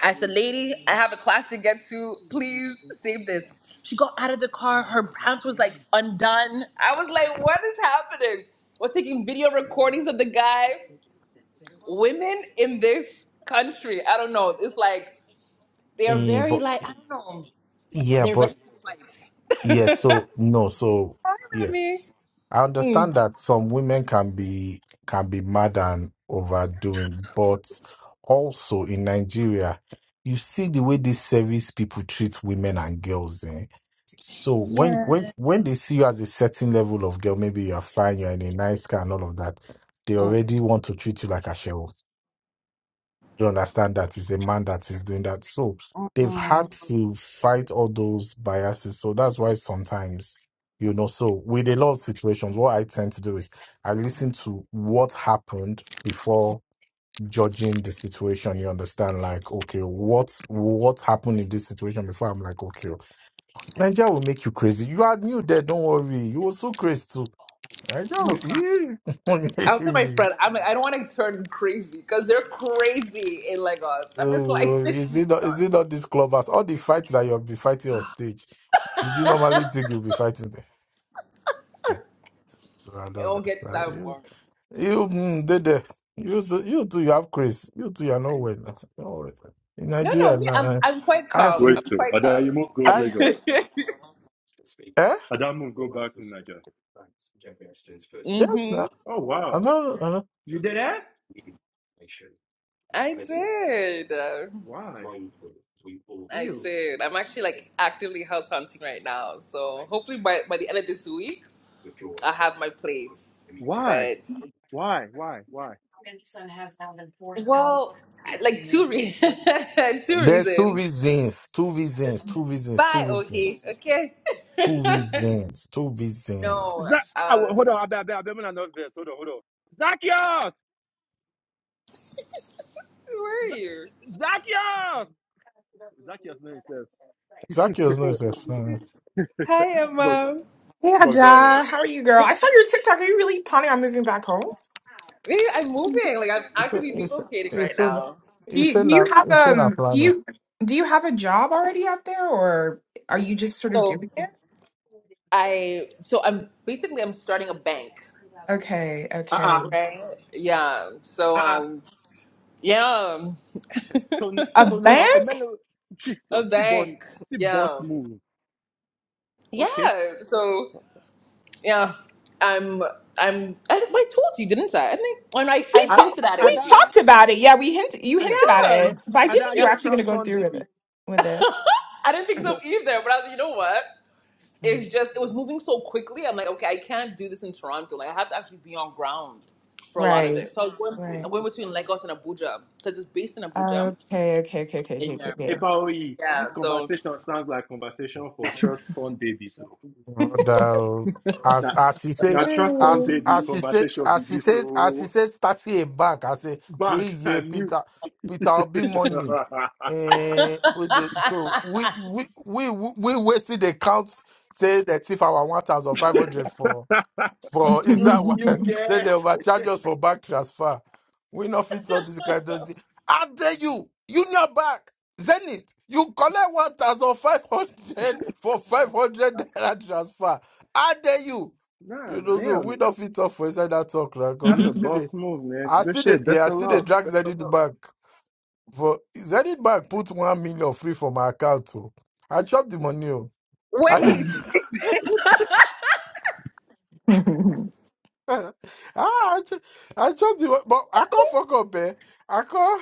A: I said, lady, I have a class to get to. Please save this. She got out of the car. Her pants was like undone. I was like, what is happening? Was taking video recordings of the guy. Women in this country, I don't know. It's like they're
C: Eh,
A: very
C: but eh,
A: like I don't know.
C: yeah,
A: They're
C: but
A: ready to
C: Yes,
A: fight.
C: so
A: <laughs>
C: no, so
A: Hi, Remy.
C: yes. I
A: Mm.
C: understand that some women can be can be mad and overdoing, but also in Nigeria, you see the way these service people treat women and girls. Eh? So when
A: Yeah.
C: when when they see you as a certain level of girl, maybe you are fine, you're in a nice car and all of that, they
A: Mm,
C: already want to treat you like a cheryl you understand that it's a man that is doing that. So
A: mm,
C: they've
A: mm.
C: had to fight all those biases. So that's why sometimes, you know, so with a lot of situations, what I tend to do is I listen to what happened before judging the situation. You understand? Like, okay, what what happened in this situation before I'm like, okay, Nigeria will make you crazy. You are new there, don't worry. You were so crazy too. Nigeria
A: i was tell
C: will,
A: my
C: <laughs>
A: friend. I'm. Like, I don't want to turn crazy because they're crazy in Lagos. I'm just like, <laughs>
C: Oh,
A: this is
C: is it not, is
A: done.
C: it not this clubhouse? All the fights that you'll be fighting on stage, did you normally think you'll be fighting there? Eh, So I
A: It
C: don't
A: won't get to
C: understand. You,
A: that
C: you, mm, they, they, you, too- you too, you have Chris. You too, you're not well. Don't worry. In
A: No,
C: Nigeria
A: no, me,
C: now,
A: I'm
C: eh,
A: I'm quite
C: I
A: calm.
C: say,
D: Wait,
A: I'm
D: so
A: quite
D: Ada, you must go
C: I say,
A: calm.
D: Lagos.
C: eh?
D: Ada must go back to Nigeria.
A: <laughs>
C: Yes,
A: hmm
C: now.
D: Oh
C: I
D: wow,
C: know, I know.
D: you did that?
A: I did. Uh,
D: Why?
A: I
D: Ew.
A: did. I'm actually like actively house hunting right now. So hopefully by by the end of this week, I'll have my place.
D: Why?
A: But
D: Why? Why? Why?
A: well, I- like two re- <laughs> two
C: There's two
A: reasons.
C: reasons, two reasons, two reasons, two
A: Bye, okay,
C: reasons,
A: okay.
C: two
A: <laughs>
C: reasons, two
A: no,
D: Zach,
C: reasons.
D: ah, wait,
A: um,
D: hold on, I bet, I bet, I bet, I'm not this. Hold on, hold on. Zacchaeus,
A: where are you?
D: Z- Zacchaeus, Zacchaeus, no, himself.
C: Zacchaeus no is a friend.
A: Hi,
D: But,
A: Emma.
E: Hey
D: but go ahead.
E: Ada, how are you, girl? I saw your TikTok. Are you really planning on moving back home?
A: Maybe I'm moving. Like I'm
C: It's a,
A: actually
C: it's a,
A: relocating right
C: it's a,
A: now.
E: Do
C: it's
E: you do
C: a,
E: you have
C: it's a
E: um do
C: planning.
E: you do you have a job already out there, or are you just sort of
A: So.
E: doing it?
A: I so I'm basically I'm starting a bank,
E: Okay,
D: Uh
E: okay.
D: uh-uh,
A: right? Yeah. So
D: uh.
A: um yeah, <laughs>
D: Ton,
E: A
D: ton,
E: bank?
D: Omelo, Jesus,
A: a
D: see boss,
A: bank.
D: see boss
A: Yeah.
D: move. Okay.
A: Yeah. So yeah, I'm I'm I, I told you didn't I? I think when I I
E: We
D: A-
E: talked
A: hinted at it
E: we
A: with you,
D: Ada,
A: Emma.
E: talked about it. Yeah, we hint you
D: eh,
E: hinted at
A: Yeah.
E: it, but I
D: Ada,
E: didn't
D: are
E: think you
A: Yeah.
D: you
E: were
D: a
E: actually going to
D: trust
E: go
D: fund
E: through with
D: baby?
E: it. With
A: <laughs>
E: it,
A: I didn't think so either, but I was like, you know what?
E: Mm.
A: it's just it was moving so quickly. I'm like, okay, I can't do this in Toronto. Like I have to actually be on ground for a lot of
E: right?
A: it. So I was going,
D: Eh,
E: Right.
A: I'm going between Lagos and Abuja because it's based in Abuja.
E: Okay. Okay. Okay. Okay. Okay.
A: And
E: Okay.
A: yeah,
E: okay.
D: Epaoyi,
A: yeah.
D: this
A: So
D: conversation sounds like conversation for trust fund babies. So
C: Brother, as
D: that
C: as she said,
D: now trust
C: as
D: fund
C: she,
D: baby
C: as she said,
D: conversation be
C: as she
D: this
C: said, as she
D: so
C: said, starting a bank. I say, hey,
D: bank
C: yeah,
D: and mute.
C: Peter, Peter,
D: <laughs>
C: I'll be money. Eh, with the,
A: <laughs>
C: so we we we we wasted the count. Say that if our one thousand five hundred for. for
D: you
C: inside one
D: you
C: <laughs> say they
D: get
C: overcharge us for bank transfer. We not fit all this kind of thing. I dare you, Union Bank, Zenith, you collect one thousand five hundred <laughs> for five hundred naira transfer. I dare you.
D: nah
C: You know, so we
D: damn
C: not fit talk for inside that talk, right? Because
D: that's
C: we
D: a
C: still
E: Yay.
D: boss
C: the
D: move man.
C: I
D: Good
C: see the
D: shit. Best
C: yeah, I
D: of
C: see the
D: luck.
C: drag Zenith Bank for Zenith Bank put one million free for my account. Oh. I chop the money. Oh. I
D: Ah,
C: didn't.
A: wait,
C: <laughs>
E: <laughs>
C: <laughs> ah, I, ju- I just, the- but I can't fuck up, eh? I can't.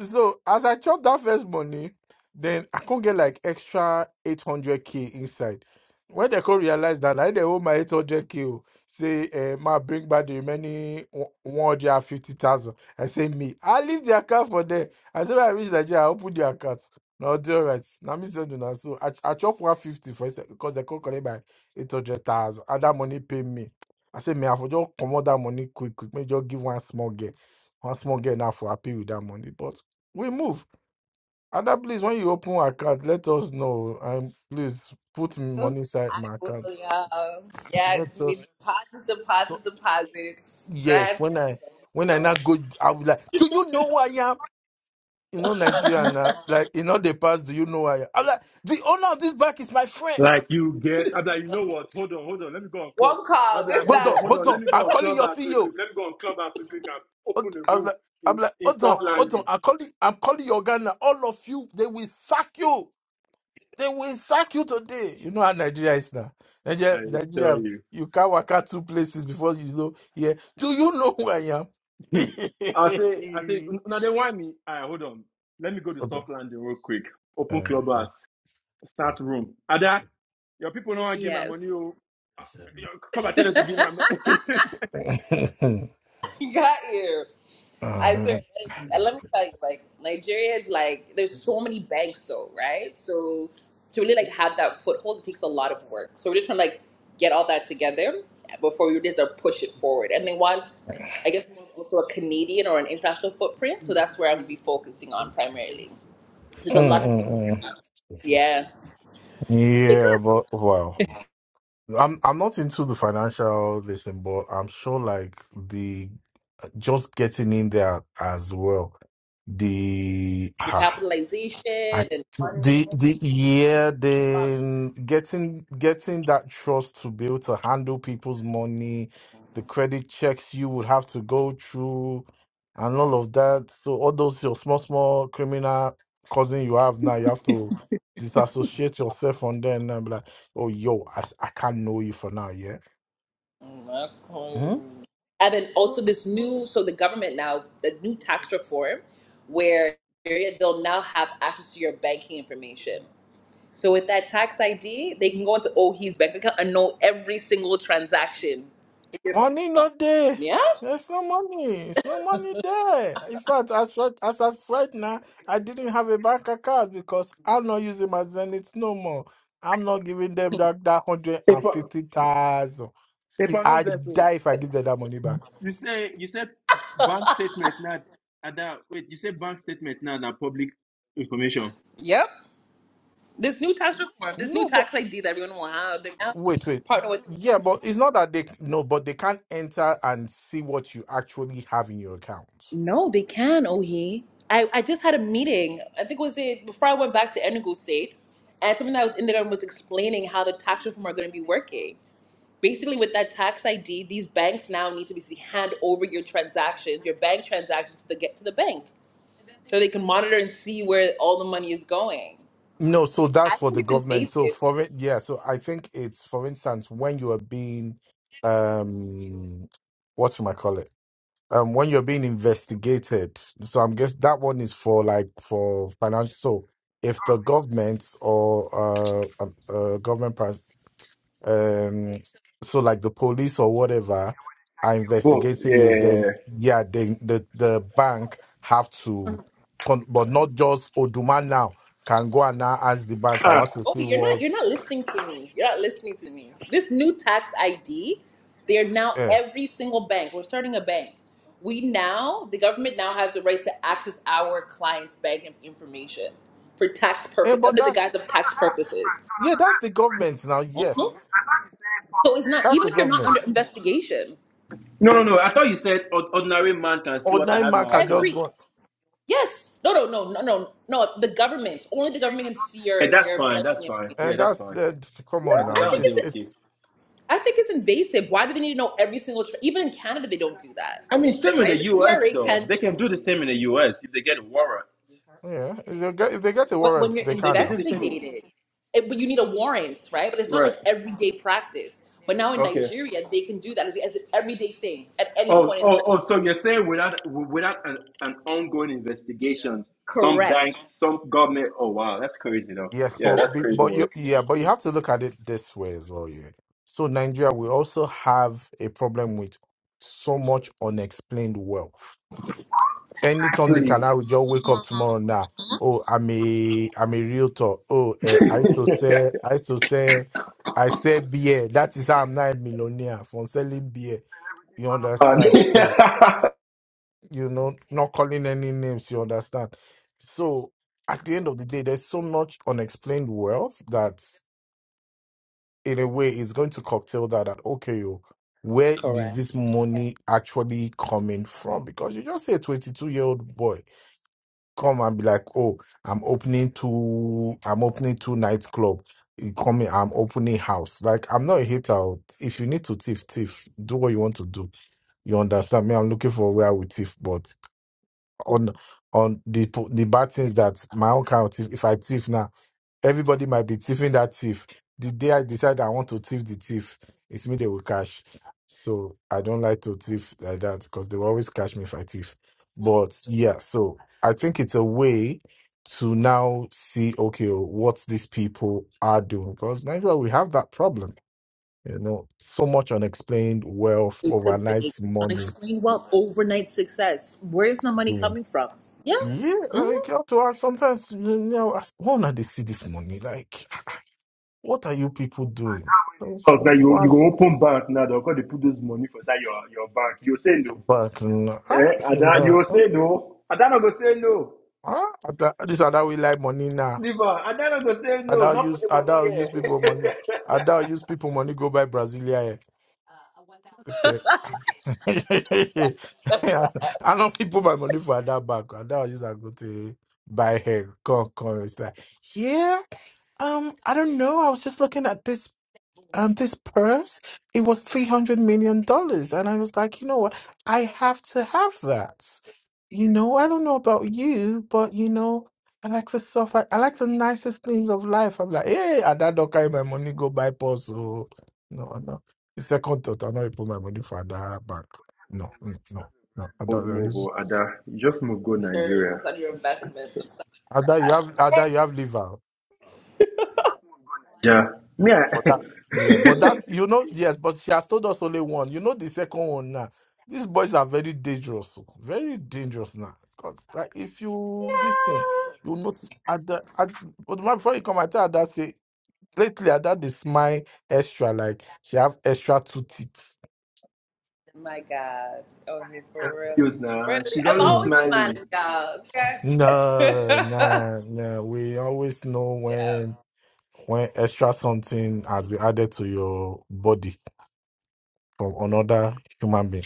C: So as I chopped that first money, then I could get like extra 800k inside. When they could realize that I didn't owe my 800k, o, say, uh, ma bring back the remaining 150,000. I say, me, I leave the account for there. I say when I reach Nigeria, I open the account. No, do right? Now, me send una. So I, I chop 150 for because they could collect by 800,000. And that money pay me. I say, me, I for just come out that money quick, quick. Me just give one small girl. One small girl now for happy with that money. But we move. Other please, when you open account, let us know and please put money inside
A: I
C: my
A: will.
C: account.
A: Yeah, yeah.
C: Let
A: 'cause we need
C: us.
A: deposits,
C: So
A: deposits, deposits.
C: yes,
A: Grand.
C: when I when I
A: So
C: now go, I will like, do you know who I am? You know, Nigeria now, like in all the past, do you know who I am? I'm like, the owner of this bank is my friend.
D: Like you get, I'm like, you know what? Hold on, hold on. Let me go on club.
A: one
D: I'm
A: call. This
D: like,
C: Hold
D: hold
A: that.
D: on,
C: on,
D: hold
C: hold
D: on.
C: on.
D: Let me go
C: I'm
D: on
C: calling
D: club
C: your
D: house real quick.
C: CEO.
D: Let me go on club house real quick and
C: Hold-
D: open a
C: I was
D: room
C: like, I'm
D: in
C: like,
D: in
C: hold
D: South
C: on, hold on.
D: London.
C: I'm calling, I'm calling your Ghana. All of you, they will sack you. They will sack you today. You know how Nigeria is now. Nigeria,
D: I tell
C: Nigeria,
D: you,
C: you can't work out two places before you know. Yeah, do you know who I am?
D: <laughs> I
C: <laughs>
D: say, I say, now they want me. I hold on. Let me go to
C: Hold on.
D: South London real quick. Open
C: Uh,
D: club
C: uh,
D: house, start room. Ada, your people don't want to give my money.
A: Yes.
D: Oh, Ah, your- come and
A: <laughs>
D: tell them to give my
A: Got
D: money. <laughs>
C: <laughs>
A: you. I
C: uh,
A: swear. And let me tell you, like Nigeria is like there's so many banks though, right? So to really like have that foothold, it takes a lot of work. So we're just trying to like get all that together before we just uh, push it forward. And they want, I guess, more also a Canadian or an international footprint. So that's where I'm gonna be focusing on primarily. There's
C: uh,
A: a lot of
C: uh.
A: yeah, it
C: Yeah,
A: good.
C: but wow. I'm I'm not into the financial listen, but I'm sure like the just getting in there as well. The <sighs>
A: the
C: I
A: capitalization
C: the the yeah the um, getting getting that trust to be able to handle people's money, the credit checks you would have to go through, and all of that. So all those your small small criminal cousin you have now, you have to disassociate yourself from them and be like, oh yo, I I can't know you for now, yeah.
A: That
C: Hmm?
A: coin. And then also this new, so the government now, the new tax reform, where they'll now have access to your banking information. So with that tax ID, they can go into OHI's bank account and know every single transaction in your bank
C: Money
A: account.
C: not there.
A: Yeah.
C: There's no money. It's no money there. In fact, as right, as at right now, I didn't have a bank account because I'm not using my Zenith no more. I'm not giving them that, that hundred
D: They
C: and
D: for,
C: fifty thousand.
D: they <laughs>
C: If
D: paper, no
C: I
D: vessel.
C: die, if I give them that money back,
D: You say you said bank statement not other wait, you said bank statement now than public information.
A: Yep. This new tax reform, this new
C: no. But
A: tax ID that everyone will have, they're now
C: wait, wait.
A: partner with.
C: Yeah, but it's not that they no, but they can't enter and see what you actually have in your account.
A: No, they can, Ohi. I, I just had a meeting. I think it was it before I went back to Enugu State, and someone that was in there and was explaining how the tax reform are going to be working. Basically, with that tax ID, these banks now need to basically hand over your transactions, your bank transactions to the get to the bank, so they can monitor and see where all the money is going.
C: No, so that's
A: I
C: for
A: think
C: the
A: it's
C: government. So
A: invasive.
C: for it, yeah. So I think it's, for instance, when you are being, um, what am I call it? Um, when you're being investigated. So I'm guess that one is for like for financial. So if the government or uh, um, uh government um so like the police or whatever are
D: Books,
C: investigating you then
D: yeah.
C: yeah then the the bank have to turn but not just Oduma now can go and now ask the bank I
D: Ah.
C: want to see
A: Okay, you're not
C: what
A: you're not listening to me. You're not listening to me. This new tax ID, they are now
C: yeah
A: every single bank. We're starting a bank. We now the government now has the right to access our clients' bank inf- information for tax
C: yeah
A: purpose
C: but
A: under the
C: that
A: guise of tax purposes.
C: yeah that's the government now
A: Mhm.
C: yes
A: So it's not
C: that's
A: even
C: the
A: if you're not under
C: government
A: investigation.
D: No no no. I thought you said "Ord- ordinary man can see what I
C: ordinary
D: have in
C: man
D: my
C: can
D: account.
C: just
A: Every
C: go
A: yes, no, no, no, no, no, no. The government only the government can see
D: Yeah,
A: your
D: that's
A: your
D: fine, that's
A: banking
D: fine.
A: information.
D: Yeah,
C: and
D: that's
C: that's
D: fine.
C: the come on
D: That that,
C: now
D: that
A: I
D: one
A: think
D: they
C: It's
A: it's
D: okay.
C: it's
A: I think it's invasive. Why do they need to know every single? Tra- Even in Canada, they don't do that,
D: I mean same in the
A: right? The
D: US
A: CRA
D: though.
A: can't.
D: They can do the same in the US if they get a warrant.
C: yeah if they get if they get a
A: But when
C: warrant
A: you're
C: they
D: They
C: can
D: can
C: now
D: do the same. in-
A: investigated, it, but you need a warrant, right? But it's not
D: Right.
A: like everyday practice. But now in
D: Okay.
A: Nigeria, they can do that as, as an everyday thing at any
D: Oh,
A: point in
D: oh,
A: time.
D: oh, so you're saying without without an, an ongoing investigation, some
A: Correct.
D: bank, some government, oh wow, that's crazy though.
C: Yes,
D: Yeah,
C: but
A: That's
D: that's
C: be-
D: crazy
C: but you
D: work.
C: yeah, but you
A: insane.
C: have to look at it this way as well. Yeah. So Nigeria, we also have a problem with so much unexplained wealth. Anytime they can,
D: Exactly.
C: I will just wake up tomorrow now. Oh, I'm a I'm a realtor. Oh, eh,
D: <laughs>
C: I used to say I used to say I say beer. That is how I'm not a millionaire from selling beer. You
D: And <laughs>
C: understand?
D: because
C: So, you know, not calling any names, you understand? So at the end of the day, there's so much unexplained wealth that in a way is going to cocktail that that okay, yo, where is
A: correct.
C: this money actually coming from? Because you just see a 22 year old boy come and be like, oh, I'm opening two, I'm opening two nightclub. You come in, I'm opening house. Like I'm not a hater. If you need to thief, thief. Do what you want to do. You understand me? I'm looking for where we thief, but on on the po- the bad things that my own kind of thief. If I thief now, everybody might be thieving that thief. The day I decide I want to thief the thief, it's me they will cash. So I don't like to thief like that because they will always cash me if I thief. But yeah, so I think it's a way to now see okay what these people are doing because Nigeria we have that problem. You know, so much unexplained wealth,
A: It's a
C: overnight
A: big
C: money,
A: unexplained wealth, overnight success. Where is the money coming from? Yeah,
C: Yeah, like you have to ask sometimes you know I wanna they see this money. Like <laughs> what are you people doing? So she will
D: now
C: see
D: you you go
C: once
D: open bank now, they're going to put those money for that your your bank. You say no.
C: back now. ah,
D: Eh? And
C: see
D: then
C: now
D: you
C: ah,
D: say no. And then I go say no.
C: ah, Ada- this other we like money now.
D: Leave her. And then I go say no.
C: Ada
D: Not put
C: use
D: the money
C: Ada use
D: here.
C: people money. Ada
D: <laughs>
C: use people money go buy Brasilia. eh. Say <laughs> I know people buy money for Ada back. Ada use I go to buy her. Come, come. It's like, yeah, um, I don't know. I was just looking at this um, this purse, it was $300 million. dollars, And I was like, you know what? I have to have that. You know, I don't know about you, but you know, I like the stuff. I, I like the nicest things of life. I'm like, hey, I don't carry my money, go buy purse. So, no, no. The second thought, I know you put my money for that bank. No, mm, no, no. I
D: Bold
C: don't, I
D: move,
C: use,
D: oh, Ada. You just move go Nigeria.
A: Terms on your investments.
C: Ada, you have, Ada, you have liver.
D: Yeah. Me,
C: But
D: I,
C: that, yeah, but
D: <laughs>
C: that, you know, yes, but she has told us only one. You know, the second one now. These boys are very dangerous, oh, very dangerous now. Because like, if you this thing, you notice at the at but my before you come, I tell that say lately at that they smile extra, like she have extra two teeth.
A: My God. Oh, he for real.
D: Yos now,
A: Really?
D: she's
A: I'm
D: always
C: Mm.
A: always smiling,
D: smiling.
A: y'all. Okay. <laughs>
C: No,
A: yeah.
C: no. nah. We always know when when extra something has been added to your body from another human being.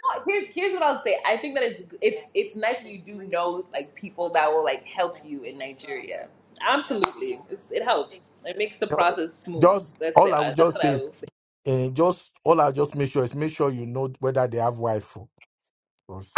A: No, Here's, here's what I'll say. I think that it's it's it's nice that you do know like people that will like help you in Nigeria. Absolutely, it's, it helps. It makes the
C: No,
A: process smooth.
C: Just
A: That's
C: all
A: it.
C: I
A: I,
C: would
A: that's
C: just
A: what
C: say
A: I
C: is,
A: will say.
C: uh, just all I just make sure is make sure you know whether they have Wi-Fi.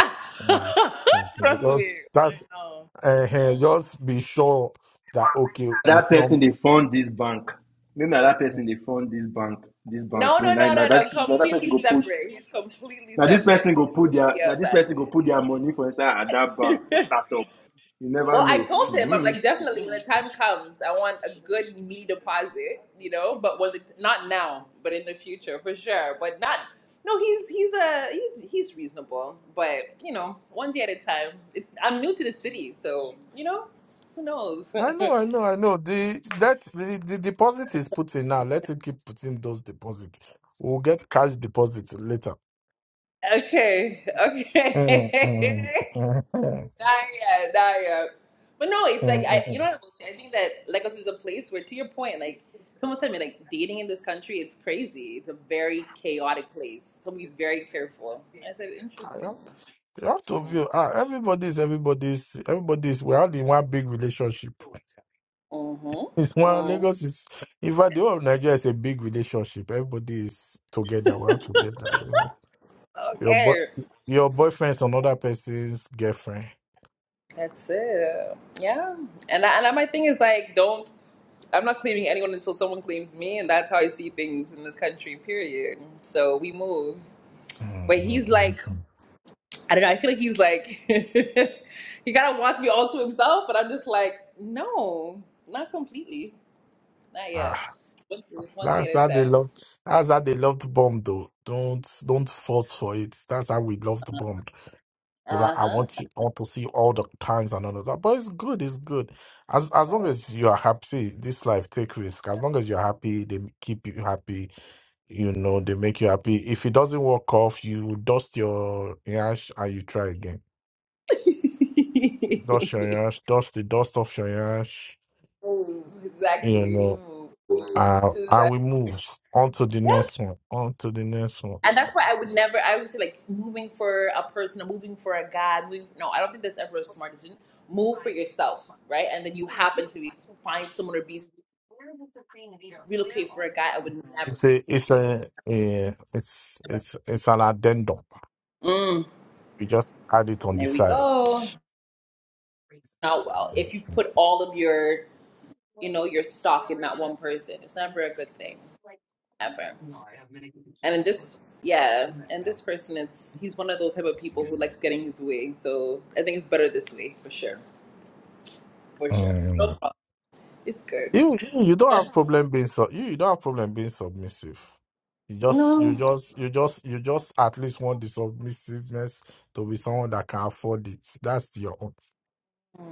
A: <laughs>
C: you know, this- this-
A: Trust me.
C: just
A: I
C: that's
A: know.
C: uh,
A: I know.
C: just be sure that okay,
D: That
C: it's not.
D: person they found this bank. Maybe na that person they found this bank. This bank.
A: No,
D: We
A: no,
D: now,
A: no,
D: now
A: no,
D: that
A: no.
D: now that person
A: Completely
D: go put.
A: separate. He's completely
D: Now this
A: separate.
D: person go put their.
A: Completely
D: Now this
A: outside of
D: person go
A: it.
D: put their money for inside at that bank for startup. You never
A: Well, I
D: know.
A: told him, I'm
D: Mm-hmm.
A: like, definitely when the time comes, I want a good meaty deposit, you know, but when the, not now, but in the future for sure. But not, no, he's, he's a, he's, he's reasonable, but you know, one day at a time. It's, I'm new to the city, so, you know, who knows?
C: I know, I know, I know. The that the, the deposit is put in now. Let him keep putting those deposits. We'll get cash deposits later.
A: <laughs> okay.
C: Mm,
A: Okay.
C: mm,
A: <laughs>
C: mm, mm, mm, mm,
A: Not yet, not yet. But no, it's like
C: mm,
A: I,
C: mm.
A: you know what I will say? I think that Lagos is a place where, to your point, like someone said to me, like dating in this country, it's crazy. It's a very chaotic place, so be very careful. I said,
C: I
A: interesting.
C: have- You have to
A: Mm.
C: view. Ah, everybody's everybody's everybody's. We're all in one big relationship. <laughs> It's
A: Mm-hmm.
C: one
A: hmm
C: Lagos is. In fact, the whole of Nigeria is a big relationship. Everybody is together. We're all together. You know? Your boy,
A: Okay,
C: your boyfriend's another person's girlfriend.
A: that's it. Yeah, and I, and I, my thing is like, don't. I'm not claiming anyone until someone claims me, and that's how I see things in this country. Period. So we move. But he's
C: Mm-hmm.
A: like I don't know. I feel like he's like <laughs> he kind of wants me all to himself, but I'm just like, no, not completely, not yet.
C: Ah,
A: One day one day
C: that's
A: at a
C: how they
A: time.
C: love. That's how they love the bomb, though. Don't don't force for it. That's how we love the bomb. So like,
A: Uh
C: I
A: huh.
C: want you, I want to see all the times and all of that. But it's good, it's good. As as long
A: Right.
C: as you are happy, this life take risk. As long as you're happy, they keep you happy. You
A: Yeah.
C: know, they make you happy. If it doesn't work off, you dust your yash and you try again. Dust your yash, dust the dust off your yash.
A: <laughs> Move,
C: You
A: exactly.
C: know,
A: Move. Move.
C: uh, and we
A: Exactly.
C: move on to the
A: Yeah.
C: next one. On to the next one.
A: And that's why I would never. I would say like moving for a person, or moving for a guy. Moving, no, I don't think that's ever a smart decision. Move for yourself, right? And then you happen to be, find someone or be relocate for a guy. I would never.
C: It's
A: do
C: a, it's a, a it's it's it's an addendum.
A: Mm,
C: We just add it on the
A: there we
C: side.
A: go. Not well. If you put all of your, you know, your stock in that one person, it's never a good thing, ever. And in this, yeah, and this person, it's he's one of those type of people who likes getting his way. So I think it's better this way for sure, for sure. No
C: Um,
A: problem. It's good.
C: you you you don't have problem being sub you, you don't have problem being submissive. You just you
A: No.
C: just you just you just at least want the submissiveness to be someone that can afford it. That's your own.
A: Mm.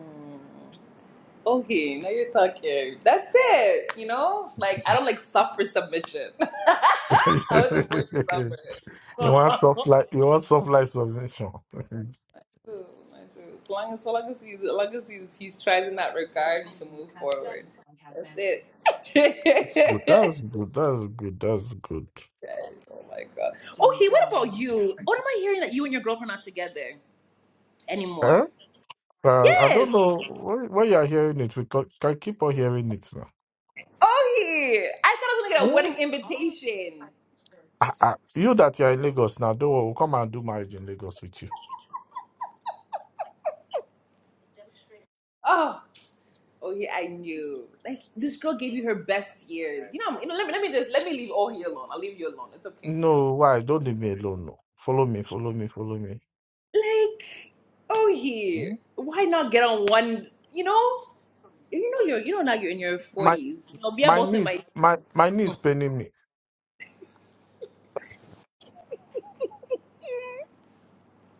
A: Okay, now you're talking. That's it. You know, like I
C: <laughs>
A: don't like suffer submission. <laughs> I was avoid to suffer.
C: you want soft life you want soft life submission. <laughs>
A: too. Mine too. So long as, so long as he's, as long as he's, he's tried in that regard, you can move forward. That's it.
C: That's good.
A: <laughs>
C: That's good. That's good. That's good.
A: Yes. Oh my god. Okay, what about you? What am I hearing that you and your girlfriend are not together
C: Eh?
A: anymore?
C: Uh, I
A: Yes.
C: don't know why why you are hearing it. We co- can keep on hearing it now.
A: Oh yeah. I thought I was gonna get a wedding invitation.
C: Ah, ah, you that you are in Lagos now, don't worry, we'll come and do marriage in Lagos with you.
A: Oh. Oh yeah, I knew. Like this girl gave you her best years. You know, you know. Let me let me just let me leave Ohi alone. I'll leave you alone. It's okay.
C: No, why? Don't leave me alone. No. Follow me, follow me, follow me.
A: Like, oh yeah.
C: Hmm?
A: Why not get on one? You know? And you know you're you know now you're in your
C: My
A: forties. i I'll be
C: my
A: about saying
C: knees,
A: like,
C: my my knee is paining me.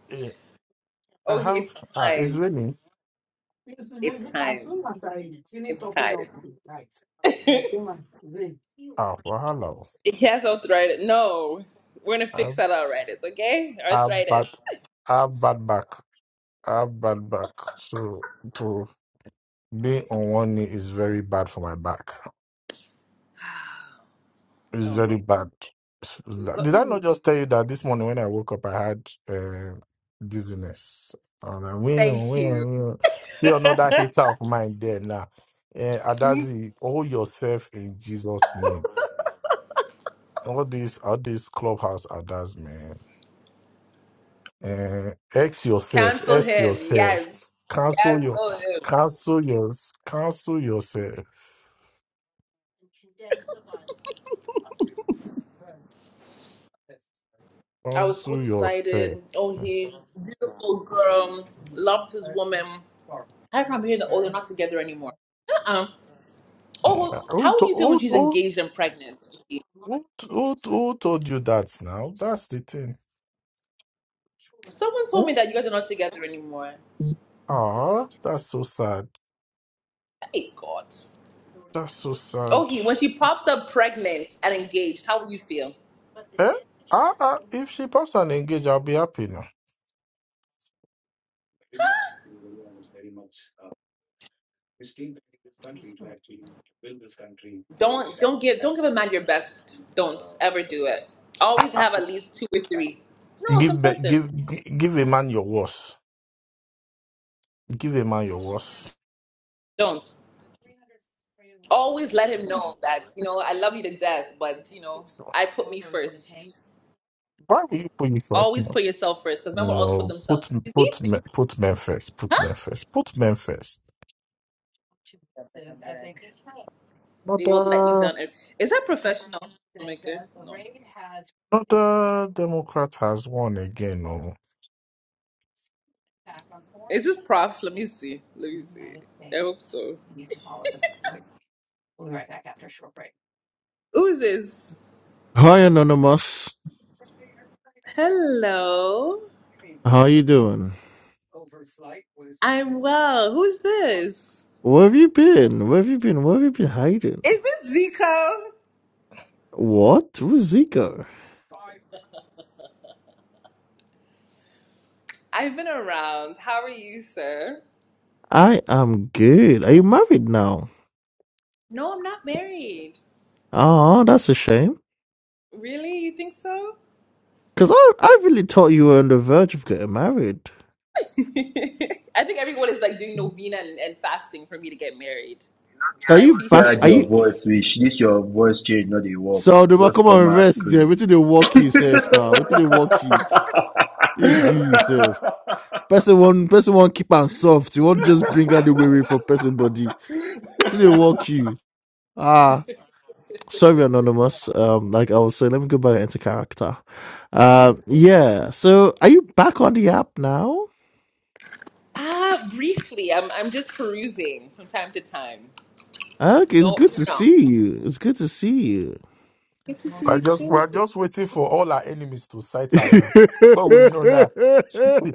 C: Yeah. I
A: oh he
C: have
A: it's
C: uh it's
A: time.
C: raining.
A: It's time. It's time.
C: I came and rain. Ah, for how long?
A: He has arthritis. No. We're gonna
C: I
A: fix
C: have
A: that arthritis, okay?
C: I have bad
A: Arthritis.
C: I have bad back. I have bad back. So to be on one knee is very bad for my back. It's
A: Oh
C: very
A: he-
C: bad.
A: what
C: Did I
A: would
C: not
A: we do?
C: just tell you that this morning when I woke up, I had uh, dizziness? And I went,
A: Thank
C: went,
A: you.
C: went. See another hater of mine there now. Uh, Adazi, hold yourself in Jesus' name. All this, all this clubhouse, Adaz, man. Uh, X
A: <laughs>
C: yourself,
A: Cancel
C: X
A: him.
C: yourself.
A: Yes.
C: Cancel your,
A: Cancel him.
C: cancel yours, cancel yourself,
A: I was so
C: cancel yourself.
A: excited. Oh he beautiful girl. Loved his woman. How come I'm hearing that oh they're not together anymore? Uh-uh.
C: Uh,
A: Oh
C: Who,
A: how
C: to,
A: would you feel when
C: who,
A: she's
C: who
A: engaged and pregnant?
C: Who, who, who told you that now? That's the thing.
A: Someone told me
C: Oh,
A: that you guys are not together anymore.
C: Ah, that's so sad.
A: Hey God.
C: That's so sad.
A: Oh, he when she pops up pregnant and engaged, how will you feel?
C: Eh? Ah, ah, if she pops and engage, I'll be happy now.
A: Don't don't give don't give a man your best. Don't ever do it. Always have at least two or three. No, it's
C: Give, be- give,
A: important.
C: gi- give a man your worst. Give a man your worst.
A: Don't. Always let him
C: It's,
A: know that, you know,
C: it's,
A: I love you to death, but you know,
C: it's,
A: I put me first.
C: why will you put you first
A: Always
C: now?
A: put yourself first, because men will always put
C: No, put,
A: themselves first. You
C: put, me- put men first. Put men first. Put men first.
A: see? They will let you down. Is that professional? Oh my God. No.
C: Another Democrat has won again. Oh.
A: Is this prof? Let me see. Let me see. I hope so. Who's this?
F: Hi, Anonymous.
A: Hello.
F: How you doing?
A: I'm well. Who's this?
F: Where have you been? Where have you been? Where have you been hiding?
A: Is this Zico?
F: What? Who's Zico?
A: I've been around. How are you, sir?
F: I am good. Are you married now?
A: No, I'm not married.
F: Oh, that's a shame.
A: Really? You think so?
F: Cause I, I really thought you were on the verge of getting married.
A: <laughs> I think everyone is like doing novena and, and fasting for me to get married.
F: So are
A: I
F: you
D: Yeah,
F: back?
A: appreciate it.
F: Are
D: your
F: you?
D: voice, which this your voice change, not the work.
F: So they will
D: Just
F: come
D: come
F: and
D: out
F: rest there.
D: scream.
F: Wait till they walk you safe now. Wait till they walk you. They do you safe.
D: <laughs>
F: Person one, person one keep am soft. You
D: <laughs>
F: won't just bring out the way for person body. Till they walk you. Ah. sorry anonymous um like i was saying let me go back into character um yeah so are you back on the app now
A: Ah, briefly. I'm I'm just perusing from time to time.
F: okay
A: You
F: it's
A: know,
F: good
A: you
F: to
A: know.
F: see you it's good to see you
C: We're just we're just waiting for all our enemies to sight her now.
F: <laughs>
C: So we know that <laughs>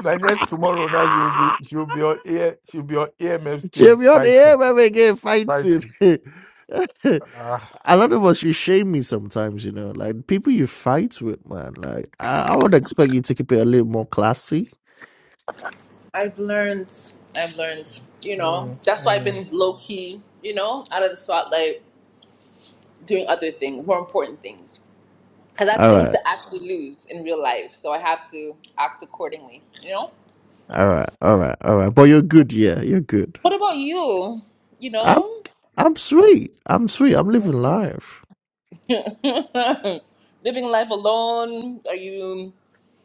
C: by next tomorrow now she'll be she'll be on air she'll be on AMF stage
F: Jim, you're on the air
C: fighting.
F: when we get fighting.
C: Fighting.
F: <laughs>
C: Ah,
F: A lot of us, <laughs> you shame me sometimes, you know. Like, people you fight with, man. Like, I, I would expect you to keep it a little more classy.
A: I've learned. I've learned. You know,
C: mm,
A: that's why I've
C: mm.
A: been low key. You know, out of the spotlight. doing other things, more important things. Because I have things to actually lose in real life, so I have to act accordingly. You know.
F: All right, all right, all right. But you're good, yeah, you're good.
A: What about you? You
F: I'm
A: know,
F: I'm sweet. I'm sweet. I'm living life.
A: <laughs> living life alone. Are you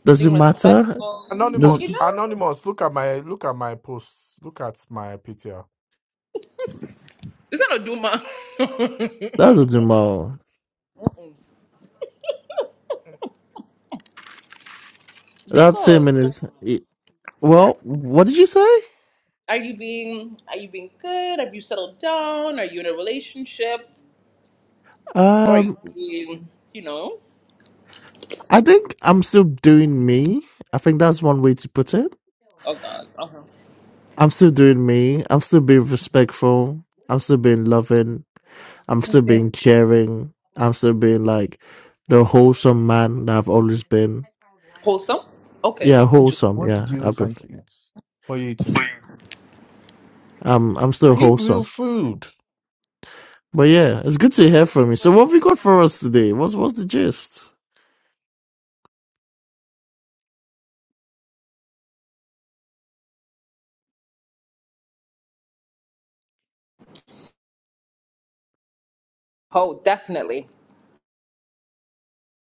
F: Does it
A: being
F: matter?
A: respectful?
F: Does
C: Anonymous,
A: You
F: that
A: know,
C: anonymous, look at my look at my posts. Look at my PTR.
A: it's not a duma. <laughs>
F: doesn't matter. That's
A: Zico,
F: him and
A: so
F: his. he- Well, what did you say?
A: are you being are you being good? Have you settled down? Are you in a relationship? Or are you
F: Um,
A: being, you know?
F: I think I'm still doing me. I think that's one way to put it.
A: Oh God, okay.
F: I'm still doing me. I'm still being respectful. I'm still being loving. I'm still being caring. I'm still being like the wholesome man that I've always been.
A: Wholesome. Okay,
F: Yeah,
C: Mm.
F: wholesome.
C: What did
F: Yeah,
C: you
F: I've been.
C: find to eat? What are you eating?
F: I'm I'm still
C: Eat real
F: wholesome.
C: food.
F: But yeah, it's good to hear from you. So what have you got for us today? What's what's the gist?
A: Oh, definitely.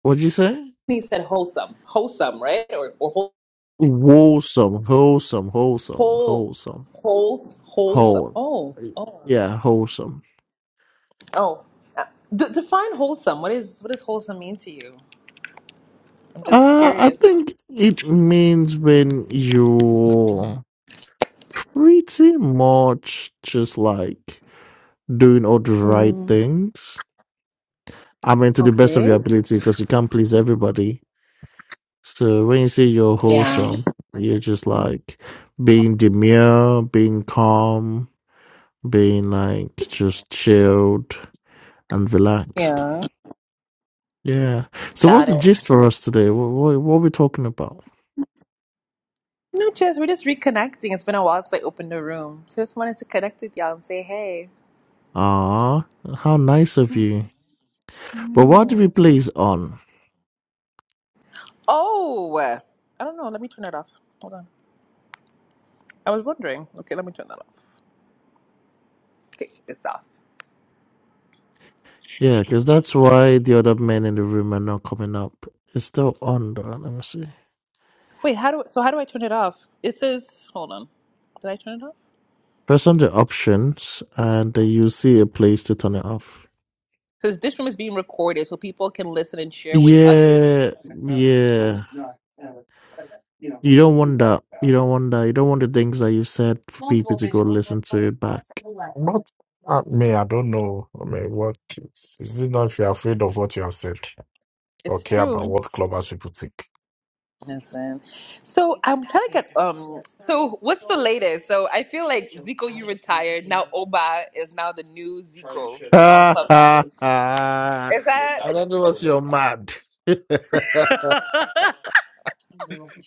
F: What'd you say?
A: He said wholesome, wholesome, right? Or or whole,
F: Wholesome, wholesome, wholesome,
A: whole,
F: wholesome,
A: whole wholesome.
F: whole.
A: Oh, oh,
F: Yeah, wholesome.
A: oh. Uh, D- define wholesome. What is what does wholesome mean to you? I'm just
F: Uh, I
A: curious.
F: think it means when you're pretty much just like doing all the right things. I mean, to the best of
A: Okay.
F: your ability, because you can't please everybody So when you say you're
A: Yeah,
F: wholesome, you're just like being demure, being calm, being like just chilled and relaxed.
A: Yeah.
F: Yeah. So what's
A: got
F: the
A: it.
F: gist for us today? What, what, what are we talking about?
A: No, Jess, we're just reconnecting. It's been a while since I opened the room, so just wanted to connect with y'all and say hey.
F: Ah, how nice of you. But what do we
A: Mm.
F: place on?
A: Oh, I don't know. Let me turn it off. Hold on. I was wondering. Okay, let me turn that off. Okay, it's off.
F: Yeah, because that's why the other men in the room are not coming up. It's still on though. Let me see.
A: Wait, how do so how do I turn it off? It says hold on. Did I turn it off?
F: Press on the options and then you see a place to turn it off.
A: It says this room is being recorded so people can listen and share with others.
F: Yeah, yeah. You don't want that. You don't want that. You don't want the things that you said for people to go listen to it back.
C: Uh, me, I don't know. I mean, what is, is it not if you're afraid of what you have said or
A: It's
C: care about
A: true.
C: what clubbers people think?
A: Listen. So I'm trying to get um so what's the latest? So I feel like Zico you retired. Now Oba is now the new Zico
F: <laughs>
A: on
F: I
A: Clubhouse. Is that
F: don't know what's you're mad. <laughs>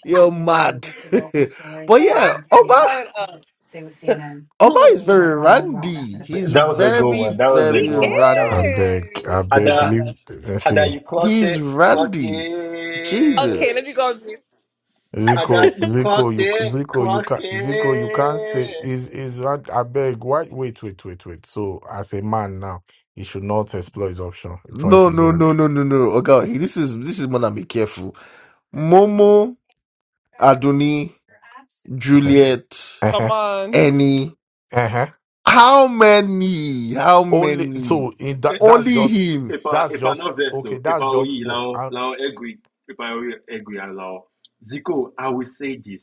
F: you're mad. <laughs>
A: <laughs>
F: but yeah,
A: what is
F: Oba
A: going
F: Oba is
A: on? Hmm.
F: very randy. He's
D: That was a good
F: very,
D: one. That was a
F: very
A: He
D: good one. That was
C: I
D: a good
F: randy.
C: beg, I
A: is.
C: beg,
D: Ada,
C: leave. Let's
D: Ada,
C: see.
D: you clocked
F: He's
D: it. Clock
F: randy.
A: Okay, let
D: it.
A: me go
F: Jesus.
A: on mute.
D: Ada,
C: Zico,
D: you
C: Zico,
D: clocked
C: you,
D: it.
C: Zico, you
D: Clock
C: can't, Zico, you can't say,
D: it.
C: is, is, I, I beg, why, wait, wait, wait, wait. So, as a man now, he should not explore his option. Choice
F: No,
C: is
F: no,
C: word.
F: no, no, no, no. Oh God, this is this is Mona be careful. Momo, Adoni,
C: <laughs>
F: Juliet,
A: Come
C: uh-huh,
A: on.
F: Annie.
C: uh-huh.
F: How many? How
C: Only,
F: many?
C: so, in that,
D: Eh,
C: that's
F: Only
C: just,
F: him.
D: If I
C: that's
D: if I
C: just,
D: know this,
C: okay,
D: so if I
C: that's just
D: will
C: four.
D: lao lao agree, if I will agree allow Zico, I will say this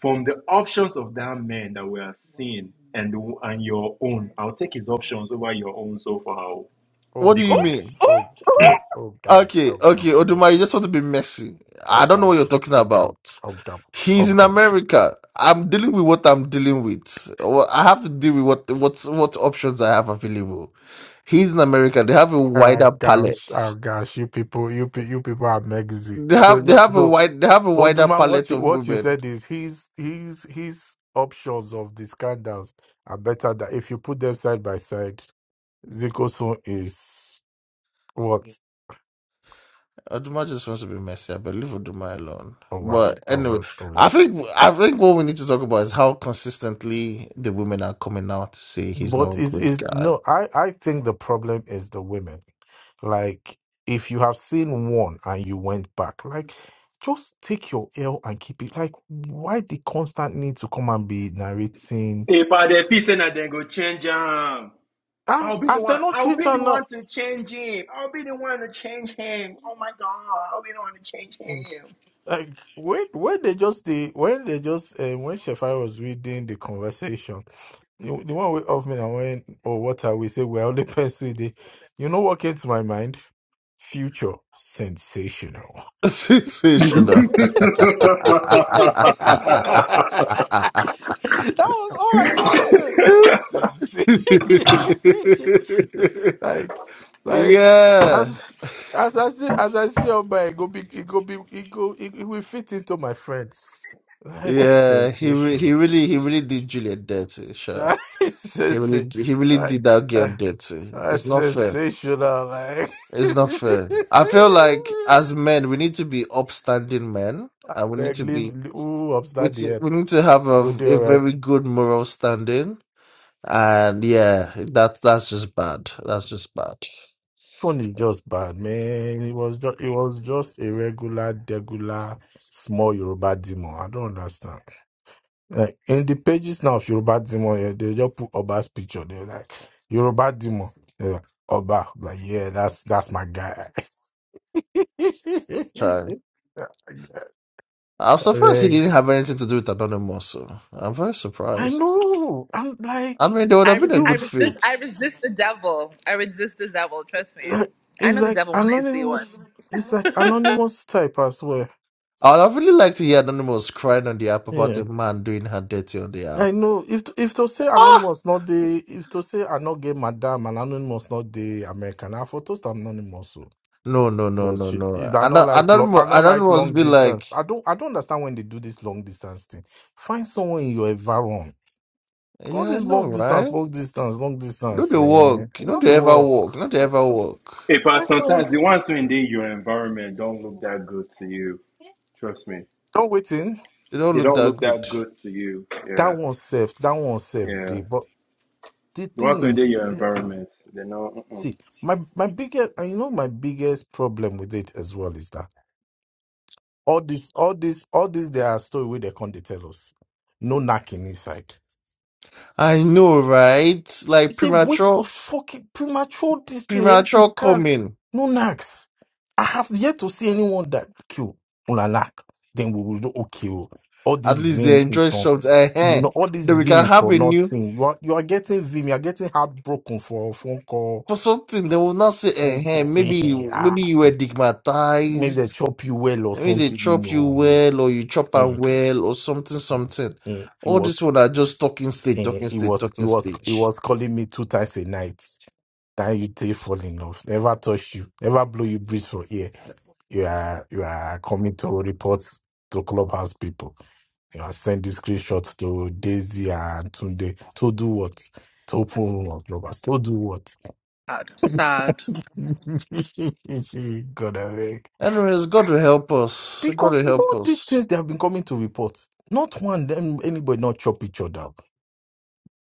D: from the options of that man that we are seeing and the- and your own. I'll take his options over your own so far,
C: Oh
F: What do you
A: Oop,
D: Zico.
C: God,
F: mean?
C: oh
A: oop, oop.
C: God, oh doubt,
F: Okay,
C: oh
F: okay,
C: doubts, oh
F: Oduma, you just want
C: doubts,
F: to be messy.
C: oh
F: I don't know what you're
C: doubts,
F: talking
C: oh doubts,
F: about.
C: oh doubts, oh
F: He's in
C: doubts.
F: America. I'm dealing with what I'm dealing with. Well, I have to deal with what what what options I have available. He's in America. They have a
C: Ah
F: wider
C: gosh,
F: palette.
C: ah gosh, you people, you pe- you people are mexy.
F: They
C: So
F: have they
C: you
F: have a
C: so
F: wide they have a wider
C: Oduma, what
F: palette
C: you
F: of
C: what you
F: women.
C: said is his his his options of the scandals are better that if you put them side by side, Zikosun is what?
F: Oduma just wants to be messy. I believe Oduma alone.
C: Oh wow,
F: But
C: oh
F: anyway,
C: wow, oh wow.
F: I think I think what we need to talk about is how consistently the women are coming out to say he's not
C: But
F: a
C: is
F: good
C: is
F: guy.
C: no, I I think the problem is the women. Like if you have seen one and you went back, like just take your L and keep it. Like why the constant need to come and be narrating?
D: If I dey feel say na then go change him,
C: And
D: I'll be the
C: as they
D: one.
C: not
D: I'll
C: change
D: be the
C: am
D: one
C: now,
D: to change him. I'll be the one to change him.
C: like like, when when they just the when they just uh, when Shefai was reading the conversation, the, the one way of me and when oh what are we say we're only <laughs> pursuing the, you know what came to my mind? Future sensational.
F: <laughs> Sensational.
C: <laughs> that
D: <laughs>
C: was all I just said. Said-
F: <laughs>
C: <laughs>
F: <laughs>
C: like, like as
F: yeah,
C: as I see as I see on my it go be it go be it go it, it will fit into my friends. Like
F: yeah. He re-
C: sensational.
F: he
C: <laughs>
F: really he really did Juliet dirty. Sure,
C: That is
F: he really
C: sensa-
F: d- he really
C: like
F: did that girl
C: uh,
F: dirty.
C: uh,
F: It's not fair.
C: sensational. Like
F: It's not fair. I feel like
C: <laughs>
F: as men, we need to be upstanding men, and we need
C: beg
F: to
C: leave.
F: be
C: leave, Ooh,
F: we
C: upstart the
F: t-
C: app.
F: we need to have a,
C: Go do
F: a
C: alright.
F: very good moral standing. And yeah, that that's just bad. That's just bad.
C: Phone is just bad, man. It was just it was just a regular, degular, small Yoruba demon. I don't understand. Like in the pages now of Yoruba demon, yeah, they just put Oba's picture. They're like Yoruba demon. Yeah, Oba. I'm Like yeah, that's that's my guy. <laughs>
F: I'm surprised he
C: Like,
F: didn't have anything to do with Anonymous. So I'm very
C: I
F: surprised.
C: know. I'm
F: I
C: like
F: mean, they would
A: I
F: have been a
A: res-
C: you.
A: I
F: good
A: resist
F: fit.
A: I resist the devil. I resist the devil. Trust me.
C: Like,
A: I
C: It's
A: know the
C: like
A: devil when I see one.
C: anonymous. It's like anonymous type as well.
F: I would have really liked to hear Anonymous crying on the app
C: Yeah.
F: about a man doing her dirty on the
C: I
F: app.
C: know if to, if to say
F: Ah,
C: anonymous not the if to say I not get madam and anonymous not the American. I for toast anonymous so.
F: no, no, no,
C: But
F: no,
C: she, is-
F: no.
C: I
F: And
C: not like long, I
F: Anonymous,
C: not like
F: Anonymous
C: long
F: be like,
C: distance. I don't I don't understand when they do this long distance thing. Find someone in your environment. All
F: yeah, I
C: this
F: know,
C: long distance,
F: right?
C: long distance, long
F: You
C: distance,
F: they
C: man.
F: work. You know
C: Not
F: they
C: the
F: ever
C: work.
F: work. Not they ever work.
D: if I
C: Find someone.
D: sometimes the ones who in the- your environment don't look that good to you. Trust me,
C: Don't wait in.
F: They don't
D: they
F: look
D: don't
F: that
D: look
F: good.
D: that good to you.
C: That
D: Yeah,
C: one safe. That one safe.
D: yeah.
C: Day. But the
D: The ones
C: thing
D: who in
C: is,
D: the-
C: the-
D: your
C: the-
D: environment, they know. Mm-mm.
C: see, my my biggest, and you know, my biggest problem with it as well is that All this, all this, all this, they are story where they come they tell us. No knacking inside.
F: I know, right? Like
C: It's a waste of
F: premature,
C: fucking premature this thing. Everything
F: premature
C: cast.
F: coming.
C: No knacks. I have yet to see anyone that kill on a knack. Then we will know okay. oh, All
F: At
C: this
F: least they
C: vim is
F: enjoy
C: from
F: something.
C: you
F: uh
C: know, all this
F: Then we
C: vim
F: can
C: is
F: have
C: for
F: a
C: not
F: new.
C: seeing. You are you are getting vim, you are getting heartbroken for a phone call,
F: for something they will not say eh,
C: phone
F: eh,
C: call. Eh,
F: maybe
C: eh,
F: you
C: ah.
F: maybe you were
C: Maybe they
F: stigmatized
C: chop you well or
F: maybe they
C: something.
F: chop you
C: No.
F: well or you chop am
C: Eh,
F: well or something
C: eh,
F: something
C: eh. it
F: all
C: was.
F: this one are just talking stage
C: Eh,
F: talking
C: He
F: stage
C: was he
F: talking
C: was he
F: stage
C: was calling me two times a night. That you take fall in love. Never touch you. Never blow you breeze for ear. You are you are coming to report to clubhouse people. You are sending screenshot to Daisy and Tunde. To do what? To open room on clubhouse. To do what?
A: Sad. Sad.
C: <laughs> God I beg.
F: Anyways, God will help us. God
C: Because
F: will help
C: all these
F: us.
C: things they have been coming to report. Not one them anybody not chop each other.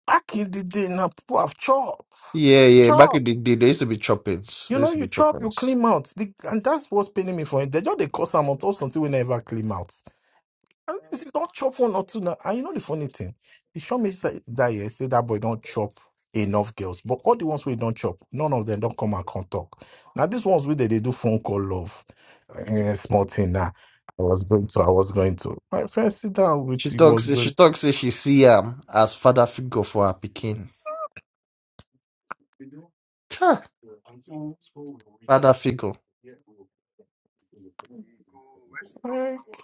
C: Back in the day now people have chop
F: Yeah, yeah.
C: Chop.
F: Back in the day, there used to be choppings.
C: You
F: There
C: know,
F: used to
C: you
F: be
C: chop, you
F: choppings.
C: clean mouth. The, and that's what's paining me for it. They just they cause some out or something we never clean mouth. And if you don't chop one or two now. And you know the funny thing? he showed me say that year, say that boy don't chop enough girls. But all the ones we don't chop, none of them don't come and come talk. Now these ones we they, they do phone call love. Eh, small thing now. I was going to, I was going to. My friend sit down with
F: She
C: you
F: talks.
C: was
F: She
C: going.
F: talks. Say she see him as father figure for her pikin. Chai, Father figure.
C: Like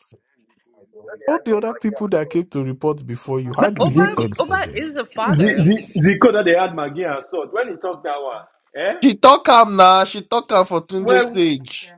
C: all the other people that came to report before you, how
A: But
C: did it
A: Oba
D: Zico,
C: end for
A: Oba
C: them?
A: is a father.
D: Zico, Zico that they had Maggie and so when he talked that one, eh?
F: She talk am now. She talk am for twenty
D: Well.
F: stage.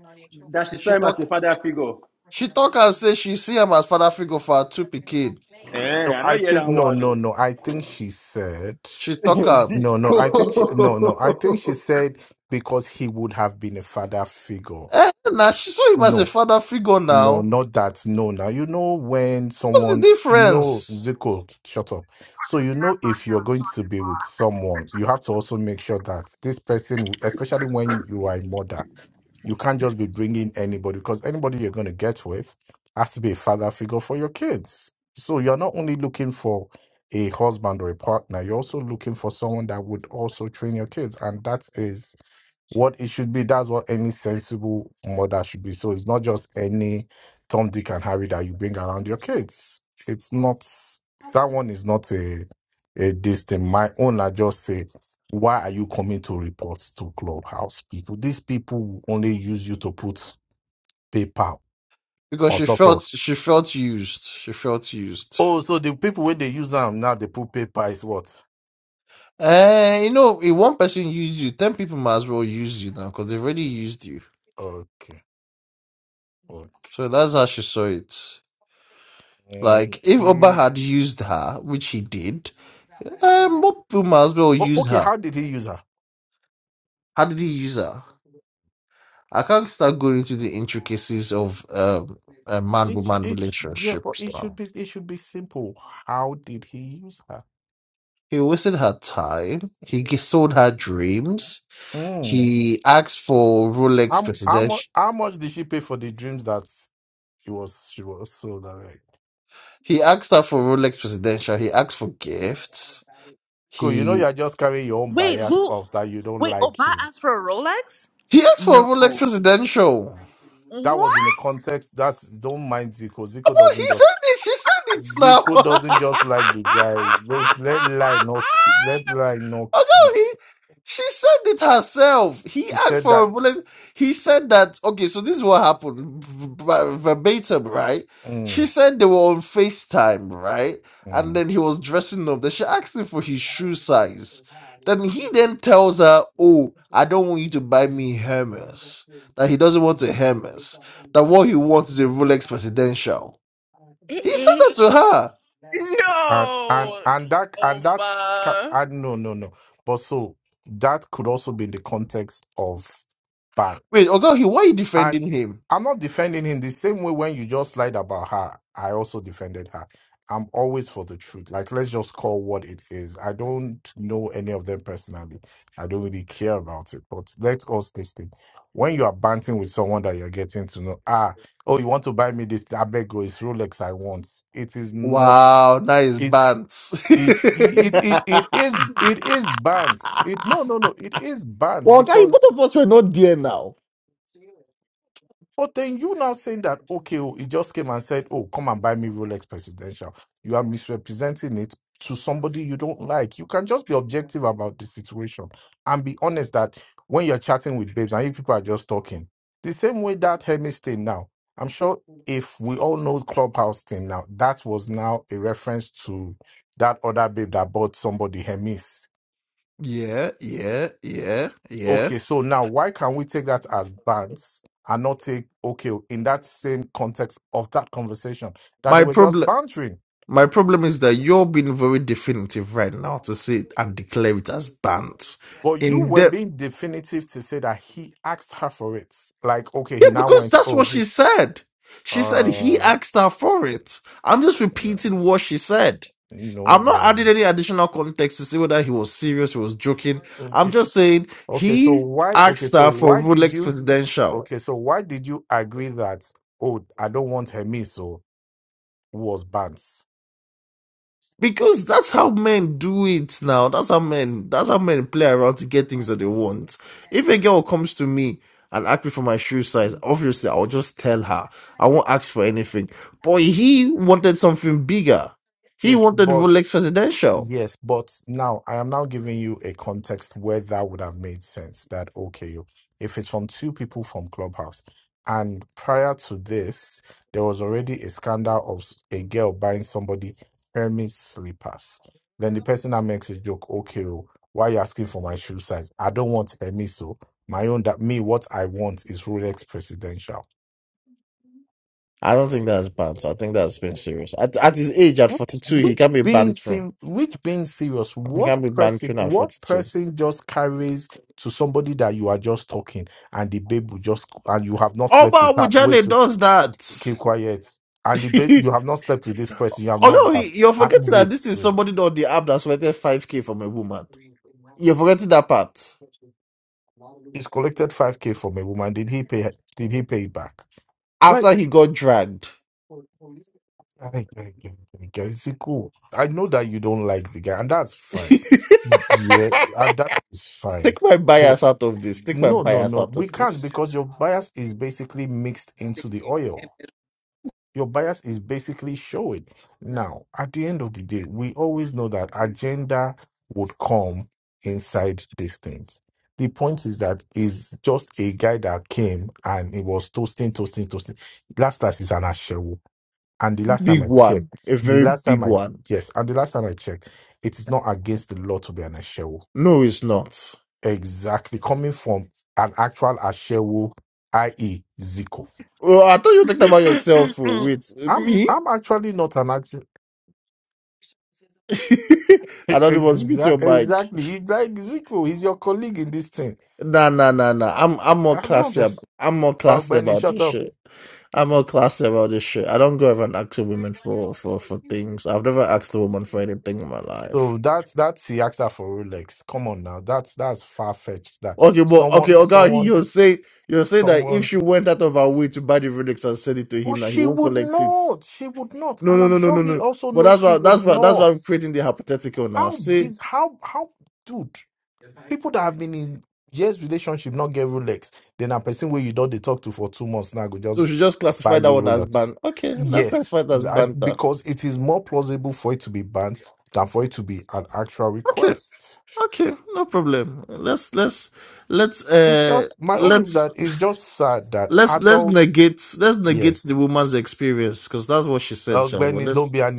D: That she
F: She
D: saw him as a
F: talk.
D: father figure.
F: She talk am say she see him as father figure for her two pikin.
D: Eh,
C: No,
D: I
C: I
D: not hear
C: think
D: that
C: no,
D: one.
C: no,
D: No.
C: no. I think she said
F: She talk am.
C: no,
D: <laughs>
C: no.
D: Zico.
C: I think she, no, no. I think she said because he would have been a father figure.
F: Eh, now she saw him
C: No,
F: as a father figure.
C: no,
F: Now,
C: not that. No, now you know when
F: what's the
C: someone, no,
F: difference?
C: Zico, shut up. So you know if you're going to be with someone, you have to also make sure that this person, especially when you are a mother, you can't just be bringing anybody because anybody you're going to get with has to be a father figure for your kids. So you're not only looking for a husband or a partner, you're also looking for someone that would also train your kids, and that is what it should be. That's what any sensible mother should be. So it's not just any Tom, Dick, and Harry that you bring around your kids. It's not that one is not a a this thing. My own, I just say, why are you coming to reports to clubhouse people? These people will only use you to put paper
F: Because
C: on
F: she
C: top of.
F: felt she felt used. She felt used.
C: Oh, so the people when they use them now, they put paper is what?
F: Uh, you know, if one person used you, ten people might as well use you now because they've already used you.
C: Okay, okay.
F: So that's how she saw it.
C: Mm,
F: Like, if Oba
C: We,
F: had used her, which he did, um, more people might as well
C: oh,
F: use
C: okay.
F: her.
C: How did he use her?
F: How did he use her? I can't start going into the intricacies of um, a
C: It,
F: man-woman
C: it, yeah, but
F: relationships
C: it should
F: now.
C: be it should be simple. How did he use her?
F: He wasted her time. He g- sold her dreams.
C: Mm.
F: He asked for Rolex
C: How, how, mu-
F: presidential.
C: how much did she pay for the dreams that he was she was sold? I'm Like,
F: He asked her for Rolex presidential. He asked for gifts.
C: cool, you know
F: He
C: you're just carrying your own
A: Wait,
C: bias
A: who?
C: of that you don't
A: Wait,
C: like
A: Oba
C: him.
A: asked for a Rolex.
F: he asked for a Rolex Presidential. Well,
C: That was in a
A: What?
C: context that's don't mind Zico. Zico
F: he
C: doesn't
F: said
C: just
F: it. She said it
C: Zico
F: now.
C: doesn't just like the guy. Let let lie
F: <laughs>
C: no ki- let lie no
F: Oh
C: ki-
F: no, he, she said it herself. He
C: He
F: asked
C: said
F: for
C: that
F: a bullet. He said that, okay, so this is what happened v- v- verbatim, right? She
C: mm,
F: said they were on FaceTime, right?
C: mm.
F: And then he was dressing up. Then she asked him for his shoe size. Then he then tells her, Oh, I don't want you to buy me Hermes. That he doesn't want a Hermes. That what he wants is a Rolex Presidential. He said
A: Uh-uh.
F: that to her.
C: and and
A: No.
C: and that and that's ca-
A: Oba.
C: and no no no but so that could also be in the context of
F: Wait, oh God, he,
C: bands
F: why are you
C: and
F: defending him?
C: i'm not defending him the same way when you just lied about her i also defended her i'm always for the truth like let's just call what it is i don't know any of them personally i don't really care about it but let us this thing when you are banting with someone that you're getting to know ah oh you want to buy me this i beg you it's rolex i want it is not
F: Wow, nice bands.
C: it it it it
F: <laughs>
C: is it is bans. It no no no. It is bans
F: Well, guy, both
C: because.
F: of us were not there now.
C: But then you now saying that okay, oh, he just came and said, "Oh, come and buy me Rolex Presidential." You are misrepresenting it to somebody you don't like. You can just be objective about the situation and be honest that when you're chatting with babes and you people are just talking, the same way that Hermes thing now. I'm sure if we all know Clubhouse thing now, that was now a reference to that other babe that bought somebody Hermes
F: yeah, yeah, yeah, yeah.
C: Okay, so now why can we take that as bans and not take okay in that same context of that conversation that they
F: My
C: were just
F: problem
C: bantering?
F: my problem is that you're being very definitive right now to say it and declare it as bands.
C: But you
F: In
C: were
F: the
C: being definitive to say that he asked her for it. Like, okay,
F: Yeah,
C: he now
F: because
C: went,
F: that's
C: oh,
F: what she
C: this,
F: said. She said he
C: uh,
F: asked her for it. I'm just
C: yeah,
F: repeating what she said.
C: no,
F: I'm not
C: no,
F: adding
C: no.
F: any additional context to see whether he was serious, he was joking. I'm
C: Okay,
F: just saying
C: okay. So
F: he
C: why? Okay,
F: asked
C: so
F: her for
C: why did
F: Rolex
C: you?
F: Presidential.
C: Okay, so why did you agree that? Oh, I don't want Hermes, so was banned.
F: Because that's how men do it now. That's how men. That's how men play around to get things that they want. If a girl comes to me and asks me for my shoe size, obviously I'll just tell her. I won't ask for anything. But he wanted something bigger. He
C: Yes,
F: wanted
C: but
F: Rolex Presidential.
C: Yes, but now I am now giving you a context where that would have made sense that okay, if it's from two people from Clubhouse, and prior to this, there was already a scandal of s- a girl buying somebody Hermes slippers. Then the person that makes a joke, okay, oh, why you asking for my shoe size? I don't want Hermes, so my own that me, what I want is Rolex Presidential.
F: I don't think that's banned. I think that's being serious. At, at his age, at 42, he
C: Which
F: can be
C: being
F: bantering.
C: sim- which being serious,
F: He
C: what
F: can be
C: person
F: bantering at
C: what
F: 42.
C: person just carries to somebody that you are just talking and the babe will just and you have not slept
F: Oba
C: with her. Wait,
F: Wujale
C: wait,
F: does that.
C: keep quiet. And the babe
F: <laughs>
C: you have not slept with this person, you have not
F: Although
C: that.
F: he, you're
C: And
F: forgetting that
C: wait,
F: this is
C: wait.
F: somebody on the app that's waited 5K from a woman. You're forgetting that part.
C: He's collected five K from a woman. Did he pay did he pay it back? Like
F: After he got dragged.
C: I, I, I, I, is it cool? I know that you don't like the guy, and that's fine.
F: <laughs>
C: Yeah, and that is fine.
F: Take my bias out of this. Take my
C: No, no,
F: bias
C: no.
F: out
C: We
F: of
C: can't
F: this.
C: because your bias is basically mixed into the
A: Thinking. It
C: oil.
A: is-
C: Your bias is basically showing. Now, at the end of the day, we always know that agenda would come inside these things. The point is that is just a guy that came and it was toasting, toasting, toasting. Last time is an ashewo. And the last time
F: Big
C: I
F: one.
C: checked,
F: A
C: the
F: very
C: last time
F: big
C: I
F: one.
C: yes, and the last time I checked, it is not against the law to be an ashewo
F: No, it's not.
C: Exactly. Coming from an actual Ashewo, i.e. Zico.
F: Well, I thought you were talking about yourself. oh, Wait,
C: I'm
F: me?
C: I'm actually not an actual <laughs>
F: <laughs> I don't want to beat your
C: Exa-
F: mic.
C: exactly. He's like Zico. He's your colleague in this thing.
F: Nah, nah, nah, nah. I'm I'm more
C: I don't
F: classy. ab-
C: just
F: I'm more
C: Oh
F: classy
C: Benny,
F: about
C: shut
F: this
C: up.
F: shit. I'm more classy about this shit. I don't go around asking women for for for things. I've never asked a woman for anything in my life.
C: So that's that's the actor for Rolex. Come on now. That's that's far fetched that
F: Okay, but
C: someone
F: okay, okay.
C: someone
F: You'll say you'll say that if
C: someone
F: she went out of her way to buy the relics and send it to
C: well,
F: him, that he
C: she
F: won't
C: would
F: collect it.
C: not. She would not.
F: No,
C: And
F: no,
C: I'm
F: no, no,
C: sure
F: no,
C: he
F: no.
C: also
F: But
C: knows
F: that's
C: she
F: why
C: would
F: that's why that's why
C: not.
F: I'm creating the hypothetical now.
C: How
F: See,
C: biz? How how dude? People that have been in years relationship not get Rolex, then a person where you don't they talk to for two months now go just
F: so she just
C: buy
F: classify
C: you
F: that one as
C: Rolex.
F: ban. Okay, let's
C: Yes,
F: classify that as
C: that,
F: banter.
C: because it is more plausible for it to be banned than for it to be an actual
F: Okay.
C: request.
F: Okay, no problem. Let's let's let's
C: It's
F: uh
C: just my own is
F: let's
C: that it's just sad that
F: let's let's
C: adults.
F: negate let's
C: yes,
F: negate the woman's experience because that's what she said, Shango.
C: Benny, don't
F: Let's
C: be an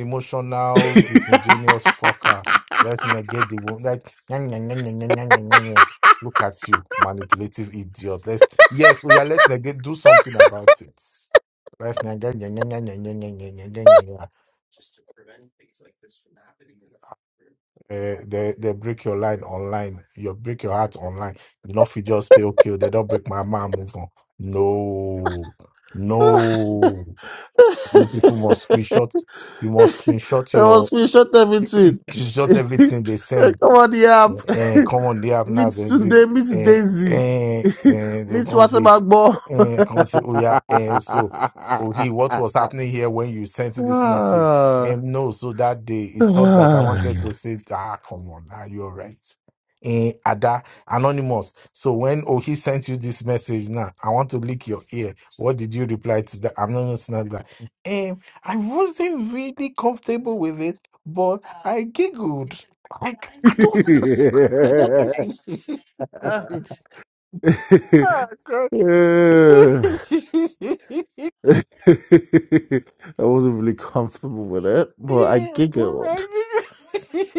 F: <laughs>
C: emotional,
F: I
C: disingenuous fucker. Let's negate the wound. Like, "Nyah, nyah, nyah, nyah, nyah, nyah, nyah, nyah, nyah." look at you, manipulative idiot. Let's, yes, we are, let's negate, do something about it. Let's negate. nyah, nyah, nyah, nyah, nyah, nyah, nyah, nyah, nyah, nyah. Eh, they, they break your line online. You break your heart online. Enough, you just stay okay. They don't break my mind, move on. No, no. You people must screenshot. You must screenshot your.
F: was screenshot everything.
C: shot
F: <laughs>
C: everything they send.
F: Come on the
C: And
F: app.
C: come on, they
F: <laughs>
C: have now
F: meet
C: They say,
F: today, meet
C: and
F: Daisy.
C: and
F: <laughs>
C: they
F: meet
C: can say
F: Waterback
C: and can say oh yeah and so oh he what was
F: <laughs>
C: happening here when you sent this message?
F: Ah.
C: And no, so that day
F: <sighs>
C: it's not that I wanted to say ah come on, are you all right? And Ada anonymous. So when Ohi sent you this message now, I want to lick your ear. What did you reply to the anonymous? Now that. Um, I wasn't really comfortable with it but I giggled. Like, I don't.
A: Yikes.
F: Ah. <laughs>
A: Ugh,
C: <laughs> Ah, God. <laughs>
F: Yeah.
C: yeah,
F: <laughs> I wasn't really comfortable with it, but I
C: but
F: giggled.
C: I giggled. <laughs>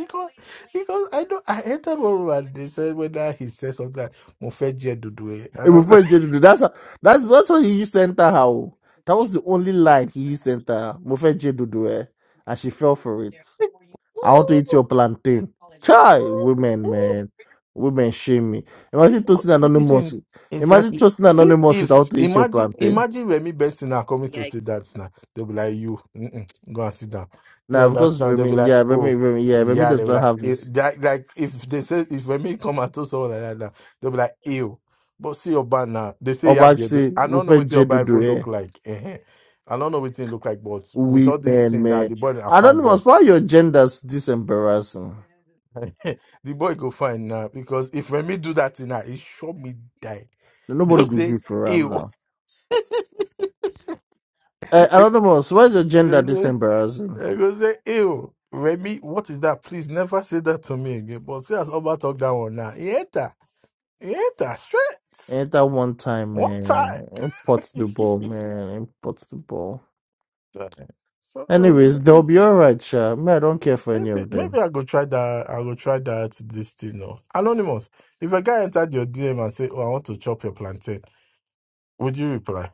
C: because, because I know I entered one room and they said whether he said something like Mofeje Dudue. And
F: And
C: I was
F: before he giggled, that's how, that's that's what he used to enter how. That was the only line he used to enter. Mufe Jedudu, eh? And she fell for it. I want
C: like,
F: to
C: <laughs>
F: eat your plantain. Chai, women, man. Women shame me.
C: See
F: Imagine toasting
C: wh- what he's
F: anonymous.
C: saying
F: Imagine
C: exactly.
F: toasting
C: See
F: anonymous
C: if
F: without to eat your
C: imagine
F: plantain.
C: imagine Remy Benson are coming to see that
A: yikes.
C: now. They'll be like, you mm-mm, go and sit down. You
F: Now, because
C: understand? They'll be
F: Remy,
C: like,
F: yeah, Remy,
C: oh
F: Remy, yeah, Remy
C: yeah, they'll
F: does
C: be
F: not
C: like,
F: have
C: eh,
F: this.
C: like, like if they say if Remy come and tell someone like that now, they'll be like, ew. But see your band now. They say you have
F: Oba
C: baby.
F: say,
C: I don't know
F: Mufe
C: what your Bible
F: Jedudu, eh?
C: look like. eh-heh. I don't know what it look like, but with
F: We
C: all this
F: men,
C: thing now,
F: men.
C: the boy a fine boy.
F: Anonymous, why your gender's this embarrassing?
C: <laughs> the boy go find now because if Remy do that thing now, he sure me die. <laughs>
F: Nobody
C: They'll
F: could be
C: say,
F: for Ram
C: ew.
F: now.
C: <laughs>
F: Uh, Anonymous, why is your
C: I
F: gender
C: go
F: this
C: say,
F: embarrassing?
C: I go say, ew. Remy, what is that? Please never say that to me again. But see as Oba talk that one now. He enter. He enter straight.
F: Ain't that one time,
C: One time.
F: man? Import
C: <laughs>
F: the ball, man. Import the ball.
C: so so,
F: Anyways, they'll be alright, Sha. Me, I don't care for any
C: maybe,
F: of
C: maybe
F: them.
C: I go try that. I go try that this thing. Off. Anonymous. If a guy entered your DM and say, Oh, I want to chop your plantain, would you reply?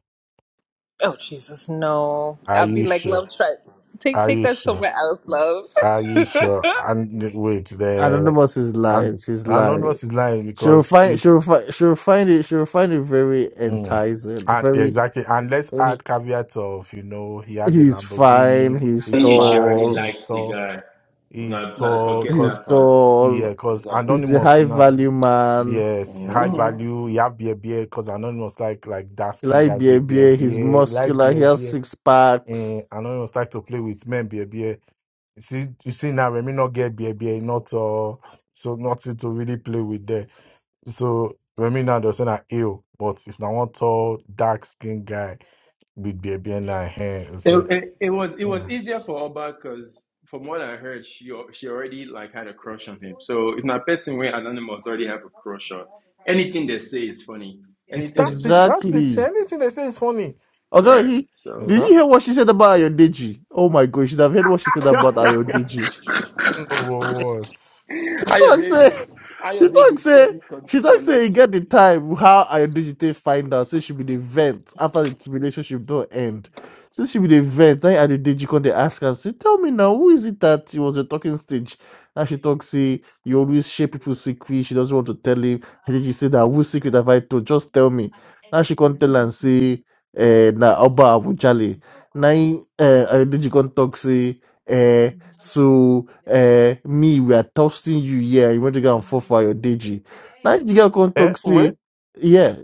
A: Oh Jesus, no!
C: Are
A: I'll be
C: you
A: like,
C: sure?
A: love, try take take that
C: Aisha,
A: somewhere else, love. <laughs>
C: Aisha, and wait, the
F: Anonymous is
C: and
F: lying. She's lying.
C: anonymous is lying
F: She'll
C: because
F: find,
C: it's
F: she'll find, she'll find it, she'll find it very
C: mm,
F: enticing.
C: and
F: Very,
C: exactly. And let's add caveat of you know he has a
F: he's fine,
C: Lamborghini.
D: <laughs>
F: he's
D: I
C: He's
D: think she already
C: fine.
F: tall,
C: He's
D: likes the
C: tall.
D: guy.
C: He's
D: Not, not to
C: tall.
D: forget
C: Cause
F: He's
D: that part.
F: tall.
C: yeah, cause
D: Exactly.
F: He's a
C: anonymous
F: high
C: now.
F: value man.
C: Yes, high
D: hmm
C: value. You have beer, beer. Cause anonymous like like dark
F: He
C: skin
F: like
C: guys
F: beer
C: with beer,
F: beer. He's
C: beer. He like
F: muscular. He
C: beer,
F: has
C: beer.
F: six
C: And
F: packs.
C: anonymous like to play with men, beer, beer. You see, you see now Remy not get beer, beer, not uh, so nothing to really play with there. So Remy now does not ill, but if I want tall, dark skinned guy with beer, beer in hair, and
D: It,
C: say,
D: it, it was it was
C: nah.
D: easier for Oba because from what I heard, she al- she already like had a crush on him. So if not person where anonymous already have a crush on, anything they say is funny.
C: it's
D: Anything they
C: that's
D: say
C: it,
D: is
C: that's
D: cute.
C: it.
F: Exactly.
C: Anything they say is funny.
F: Although
D: Right.
F: he
C: And so
D: So
F: did you
C: I
F: hear what she said about Ayodeji? Oh my god, you should have heard what she said about Ayodeji.
D: <laughs>
C: don't know what.
F: She talk
D: Ayode,
F: say she
D: Ayode
F: talk
D: is
F: say
D: steady con-
F: she talk say e
D: collecting.
F: get the time how I Adedigite find out say she be the vent after the relationship don't end since she be the vent na Adedeji come dey ask her. say tell me now who is it that he was a talking stage and she talk say you always share people's secret she doesn't want to tell him And then she said that whose secret have I told just tell me now she can't tell and say eh, na Oba Abujale na eh, I come talk say. eh, so uh, me, we are toasting you. Yeah, you want to go and fall for your deji. Now the girl come
C: Eh,
F: talk
C: wait,
F: say,
C: eh,
F: yeah,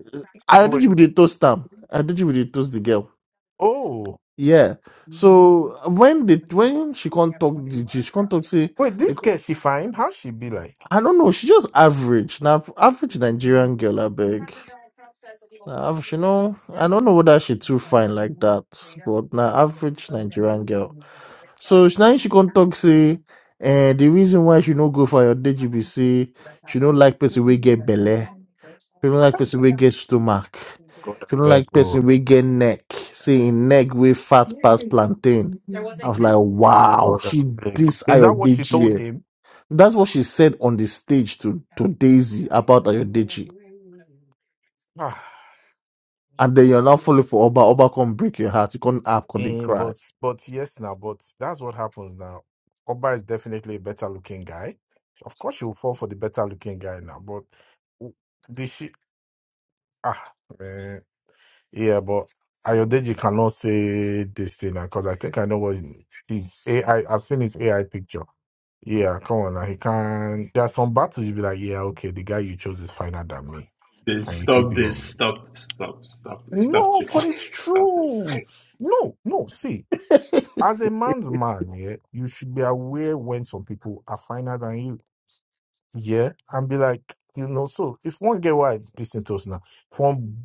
F: I did
C: wait,
F: you with the toast them. I did you with the toast the girl.
C: oh,
F: Yeah. So when the when she can't talk the gist, she can't talk say
C: wait, this
F: like,
C: girl she fine? How she be like?
F: I don't know, she just average. Now average Nigerian girl I beg. Now, av- she know I don't know whether she too fine like that, but now average Nigerian girl. So she- now she come talk say, eh, the reason why she no go for your DG say she don't like person we get belly, she don't like person we get stomach,
C: God, I
F: she don't
C: beg,
F: like
C: oh,
F: person we get neck. Say in neck we fat past plantain. I was like, wow,
C: God, I
F: she
C: beg.
F: this
C: Is that what she told
F: Ayodiji.
C: him?
F: That's what she said on the stage to, to Daisy about Ayodiji.
C: Ah.
F: And then you're now falling for Oba. Oba can break your heart. You can't app, can they
C: And
F: cry.
C: but but yes now, but that's what happens now. Oba is definitely a better looking guy. Of course she will fall for the better looking guy now, but w- the she ah man. Yeah, but Ayodeji cannot say this thing now because I think I know what he- his AI I've seen his AI picture. Yeah, come on now. He can there are some battles you'll be like, yeah, okay, the guy you chose is finer than me.
D: This,
C: And you keep
D: stop
C: him
D: this,
C: on with.
D: stop, stop, stop, stop
C: No,
D: this,
C: but
D: <laughs>
C: it's
D: stop this.
C: true. No, no, see. As a man's man, yeah, you should be aware when some people are finer than you, yeah, and be like, you know, so if one get white listen to us now, if one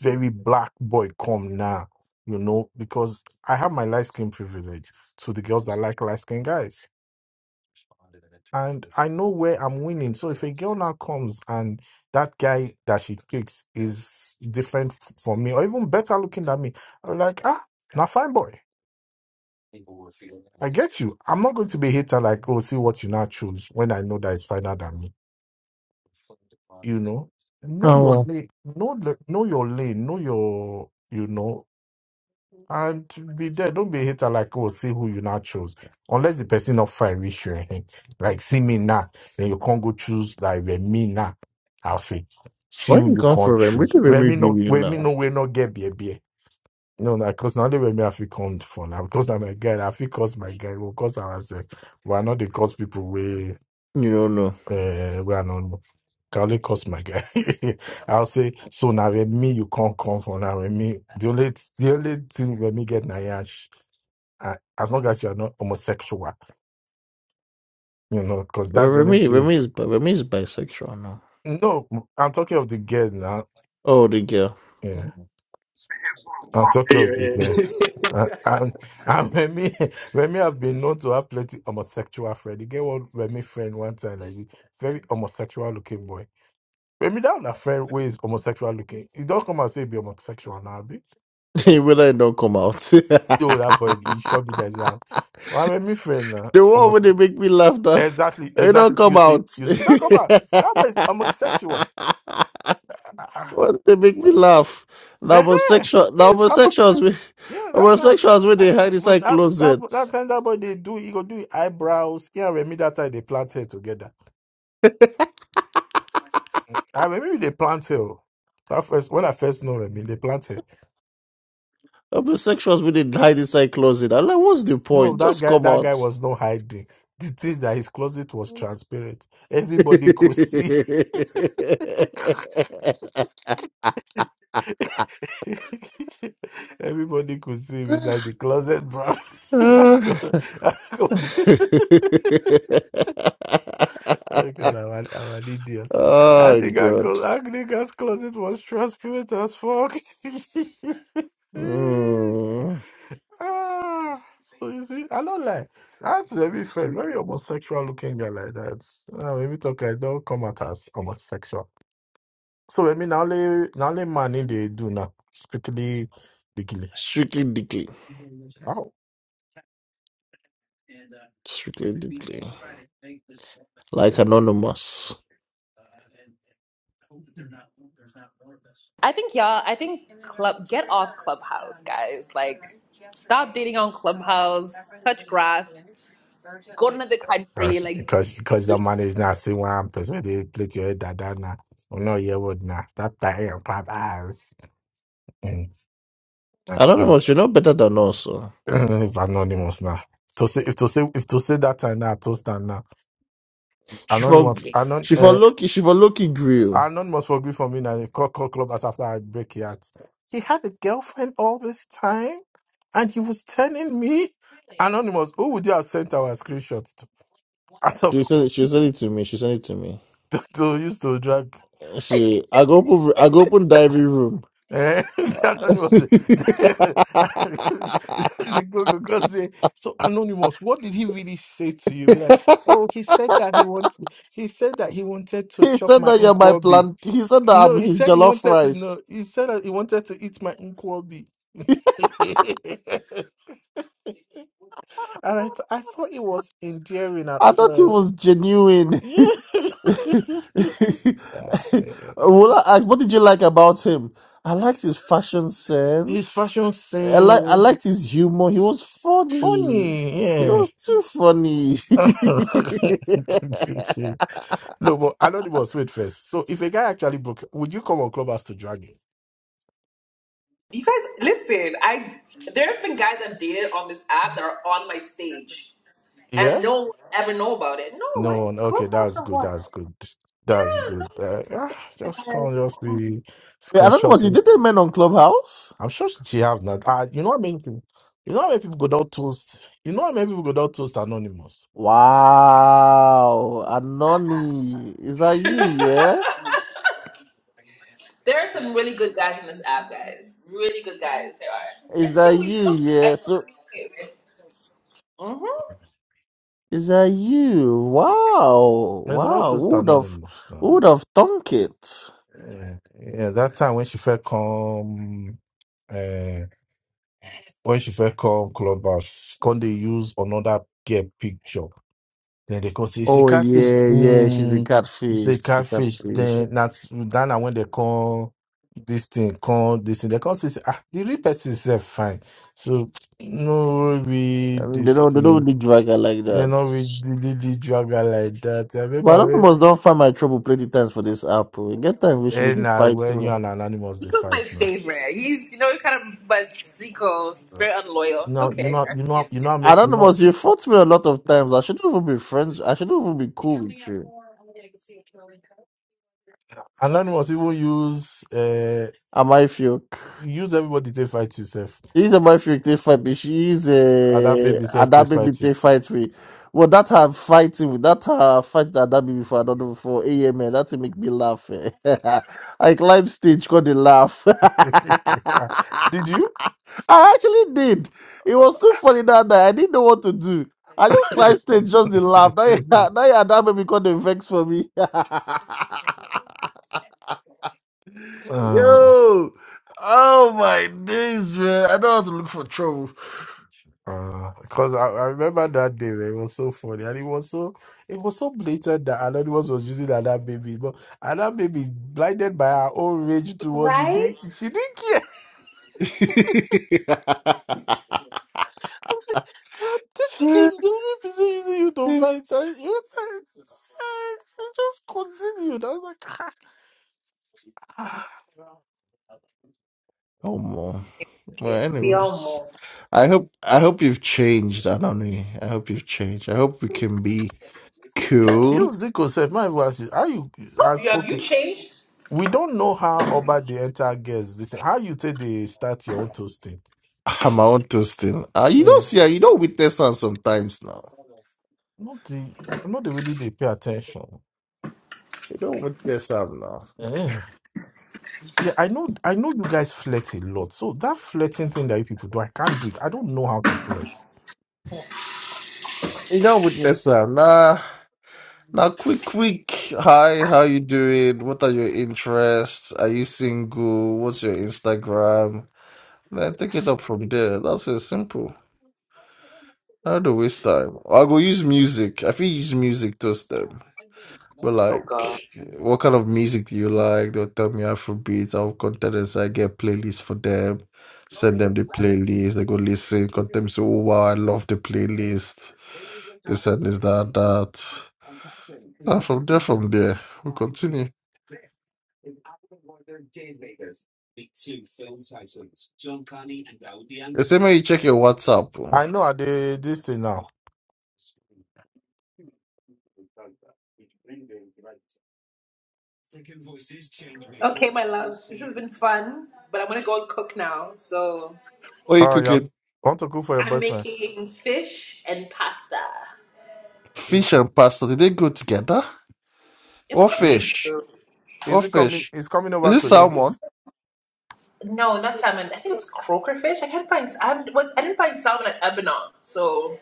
C: very black boy come now, you know, because I have my light skin privilege to the girls that like light skin guys. And I know where I'm winning. So if a girl now comes and that guy that she picks is different f- from me, or even better looking than me, I'm like, ah, now fine boy. I get you. I'm not going to be a hater like, oh, see what you now choose when I know that it's finer than me. You know, know your
F: Oh,
C: lane, know the, know your lane, know your, you know, and be there. Don't be a hater like, oh, see who you now chose. Unless the person not fine with you, eh, eh. like see me now, then you can't go choose like with me now. I'll say, see
F: where
C: who
F: you
C: you
F: come from?
C: can't
F: Remy? What
C: choose.
F: did
C: Let
F: Remy
C: me
F: give
C: know,
F: you
C: let me
F: now?
C: know we not get beer no, na cause na only when me I feel come for now. Because I'm a guy, I feel cause my guy. We cause ourselves. We are not the cause people we
F: You don't know.
C: uh we are not. Can only cause my guy. <laughs> I'll say so now with me you can't come for now with me. The only the only thing when me get Nayash uh, as long as you are not homosexual, you know, because
F: Well,
C: that's the only
F: Remy,
C: thing.
F: Remy is bi- Remy is bisexual now.
C: No, I'm talking of the girl now.
F: Oh, the girl.
C: Yeah,
F: <laughs>
C: I'm
D: <laughs>
C: talking of
D: Your
C: the girl.
D: head.
C: Uh,
D: <laughs>
C: and and <laughs> Remy, Remy have been known to have plenty homosexual friend. You get one Remy friend one time, like this very homosexual looking boy. Remy that a friend who is homosexual looking. He don't come and say he be homosexual now, be
F: He will I don't come out. <laughs>
C: so
F: the
C: that boy he should be there. Well, Remy friend now,
F: one where
C: almost
F: they make me laugh now.
C: exactly,
F: It don't
C: exactly.
F: come
C: You see,
F: out.
C: you see, he don't come out. That boy is homosexual.
F: <laughs> what they make me laugh. The
C: Uh-huh.
F: homosexual the
C: Yes, I'm actually,
F: homosexuals we
C: yeah, that's that.
F: homosexuals when
C: I,
F: they hide
C: but
F: inside
C: that, that, that
F: closets.
C: time that boy they do, he go do his eyebrows. Yeah, Remy, that time they plant hair together. I remember they plant hair. oh. That first, when I first know Remy, they plant hair.
F: Homosexuals when they hide inside closet. I'm like, what's the
C: No,
F: point?
C: that
F: Just
C: guy,
F: come
C: that guy
F: out.
C: was not hiding. The thing that his closet was transparent. Everybody could see. <laughs>
F: <sighs> <laughs>
C: Everybody could see him inside the closet, bro. <laughs> That
F: Ah,
C: clo- that
F: <laughs>
C: closet. <laughs> Oh God, I'm an, I'm an idiot. I
F: oh
C: think I
F: god.
C: close, I think I close was transparent as fuck. <laughs>
F: Mm.
C: ah, so you see, I don't like. That's very friend, very homosexual looking guy like that. Uh, maybe talk like don't come at us homosexual. So let me now only now only money they do now strictly legally.
F: Strictly deeply.
C: Oh,
F: Strictly deeply. Like Anonymous.
A: I think y'all, I think club get off Clubhouse, guys. Like stop dating on Clubhouse, touch grass, go to another country.
C: because
A: Like
C: because because the
A: li-
C: money is not see one person they play to your dad now. Oh no, you would not stop that and clap Mm. Nah, bro.
F: Anonymous, you know better than us. oh.
C: <clears throat> if anonymous now. To say if to say if to say that time now, toast and now.
F: She for
C: Anonymous anon
F: she for
C: uh,
F: Loki she for Loki grill.
C: anonymous will agree for me now. Call call club as after I break it out. He had a girlfriend all this time and he was telling me Anonymous, who would you have sent our screenshots to? Out of
F: She said she said it to me. She said it to me.
C: <laughs> to, to use to drag
F: She I go open I go open diary room.
C: Eh, <laughs>
F: <laughs> he
C: anonymous. <laughs> the Google So anonymous, what did he really say to you? Be like, oh, he said that he wanted. He said that he wanted to chop
F: said
C: my
F: that you're my
C: unkwobi.
F: plant. He said that I'm
C: No, he
F: his
C: said he
F: jollof
C: wanted.
F: rice.
C: No, he said that he wanted to eat my unkwobi. <laughs> and I, th- I thought it was endearing at
F: I thought it
C: first.
F: was genuine. <laughs>
C: <laughs> Yeah. eh, eh.
F: Will I ask, what did you like about him? I liked his fashion
C: His
F: sense.
C: fashion
F: I like I
C: sense,
F: liked his humor. He was funny.
C: funny.
F: He
C: yeah.
F: was too funny.
C: <laughs>
F: <laughs>
C: no, but Anonymous, wait first. So if a guy actually broke, would you come on Clubhouse to drag him?
A: you guys listen, I there have been guys I've dated on this app that are on my stage
C: Yeah?
A: and no one ever know about it. No, why
C: No one. Okay,
A: Clubhouse
C: that's
A: for
C: good.
A: what?
C: That's good. That's good. Uh, ah, just come, just be
F: Wait, I don't know, was you
C: screenshotting.
F: dating men on Clubhouse?
C: I'm sure she have not. Uh, you know how many people, you know how many people go down toast, you know how many people go down toast Anonymous?
F: Wow, Anoni, is that you? Yeah,
A: There are some really good guys on this app, guys. Really good guys there are.
F: is
A: And
F: that
A: still we
F: you?
A: still
F: Yeah,
A: I still
F: so
A: communicate with. Mm-hmm.
F: is that you? Wow,
C: I could not
F: wow,
C: just
F: who would have,
C: anonymous
F: who
C: now.
F: would have thunk it?
C: Yeah, yeah, that time when she first come, uh, when she first come clubhouse, can they use another girl picture? Then they can say it's a
F: Oh
C: catfish.
F: yeah, yeah, she's a
C: Mm, it's
F: catfish,
C: a
F: the
C: catfish.
F: catfish.
C: Then that's then na when they call this thing, call this thing. They can say ah, the real person is eh, fine. So no
F: I
C: read
F: mean, they
C: this
F: don't, they don't
C: thing.
F: really drag her like
C: They
F: that.
C: not really, really drag her like that. I
F: But
C: remember when.
F: Anonymous don't find my trouble plenty times for this app. oh. Get time we should
C: Hey,
F: be
C: now when
F: fighting.
C: you
F: me.
C: and Anonymous they
A: Zico's my
C: fight now.
A: favorite. He's, you know, kind of, but Zico's
C: Uh,
A: very unloyal.
C: You
A: It's
C: know, you
A: okay.
C: know,
A: I
C: you know,
A: forgive
C: you
A: you.
C: know, I you know,
F: Anonymous, you fought me a lot of times. I shouldn't even be friends. I shouldn't even be cool with you.
C: Anonymous even use uh
F: Am I feel?
C: use everybody to fight yourself.
F: She's a mafia take fight, but she's
C: And that
F: a
C: baby self to
F: Adabi. me
C: fight you.
F: take fight me. Well, that her fighting with that her fight that Adabi before I don't know for AMN. That make me laugh. eh. <laughs> I climb stage, got the laugh. <laughs>
C: <laughs> Did you?
F: I actually did. It was so funny that night. I didn't know what to do. I just climbed stage, just the laugh. Now, you- <laughs>
C: <laughs>
F: now you Adabe become the vex for me. <laughs>
C: uh,
F: Yo, oh my days, man! I know how to look for trouble.
C: Uh, because I, I remember that day, man, it was so funny, and it was so it was so blatant that Anonymous was using that baby, but that baby blinded by her own rage towards you, did
A: Right?
C: she didn't care.
F: <laughs>
C: <laughs> I'm like, "I'm definitely the only person using you to fight, and you, you just continued. I was like,
F: oh, man. Well,
A: We
C: Man.
A: all
F: anyways,
A: move.
F: I hope I hope you've changed, Anoni. I hope you've changed. I hope we can be cool.
C: you Zico said, my advice is how you as
A: You have you
C: okay.
A: changed?
C: We don't know how about the entire guest. This thing. how you take they start your own toasting.
F: I'm out to still. Uh, you don't see, ah, you don't witness her sometimes now.
C: Not the not the way they they pay attention.
F: You don't witness her now.
C: Eh. Yeah, I know I know you guys flirt a lot. So that flirting thing that you people do, I can't do it. I don't know how to flirt.
F: You don't witness her. Nah. Now, quick, quick. Hi, how you doing? What are your interests? Are you single? What's your Instagram? Then take it up from there. That's it, simple. I do not waste time? I go use music. I feel use music to them. But like, what kind of music do you like? They'll tell me Afrobeats. I'll contact them. Say I get playlists for them. Send them the playlist. They go listen. Contact me. Say, oh wow, I love the playlist. This and this, that, that. And from there, from there, we continue. They say, may you check your WhatsApp.
C: I know I did this thing now.
A: Okay, my loves, this has been fun, but I'm gonna go and cook now. So
F: Or
C: Oh,
F: you
C: you
F: cooking
C: want to cook for your
A: I'm
C: boyfriend?
A: making fish and pasta.
C: Is
F: fish and pasta. Did they go together?
A: Of
F: Or
A: course
C: is
A: they
F: fish?
A: do.
F: Or
C: is it coming?
F: fish?
C: Is coming
F: Is
C: over
F: it
A: I
C: to
A: think
C: eat?
A: they-
F: salmon?
A: no, not salmon. I think it was croaker fish. I can't find. I what- I didn't find salmon at Lebanon. So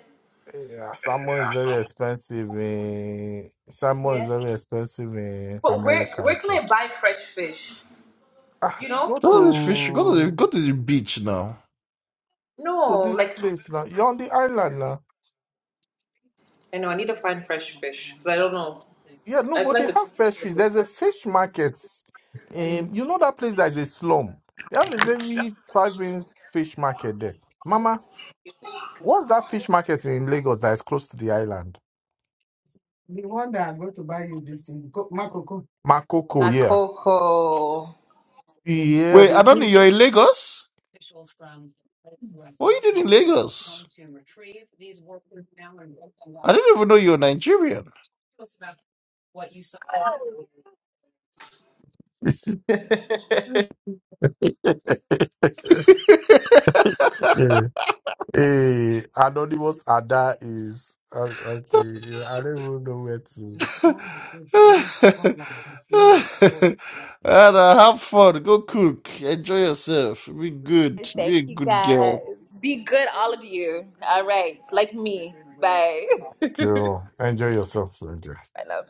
C: Yeah, salmon is very expensive in salmon is
A: yeah,
C: very expensive in
A: but where
C: America.
A: where can
C: So
A: I buy fresh fish?
C: ah,
A: Do you know?
C: go
F: Go to the fish. Go to the
C: to
F: go to the beach now.
C: to
A: No,
C: this
A: like
C: place now. You're on the island
A: I know I need to find fresh fish because I don't know.
C: Yeah, no,
A: I feel
C: but they
A: like the
C: have
A: grocery
C: fresh
A: store is
C: fish. There's a
A: different.
C: fish market.
A: Mm.
C: Um, you know that place that is a slum. They have a very thriving fish market there. Mama, what's that fish market in Lagos that is close to the island? Makoko,
A: Ah,
C: yeah.
A: Coco.
C: Yeah,
F: Wait,
C: they
F: I don't know.
C: do.
F: You're in Lagos. What are you doing in Lagos? I didn't even know you were Nigerian.
A: <laughs>
C: <laughs> yeah. Hey, anonymous Ada is uh, okay. yeah, I don't even know where to.
F: <laughs> Anna, have fun. Go cook. Enjoy yourself. Be good.
A: Yes, Thank
F: Be a
A: you
F: good girl.
A: guys. Be good, all of you. All right. Like me. Bye. <laughs> I
C: Girl, enjoy yourself. Enjoy.
A: love.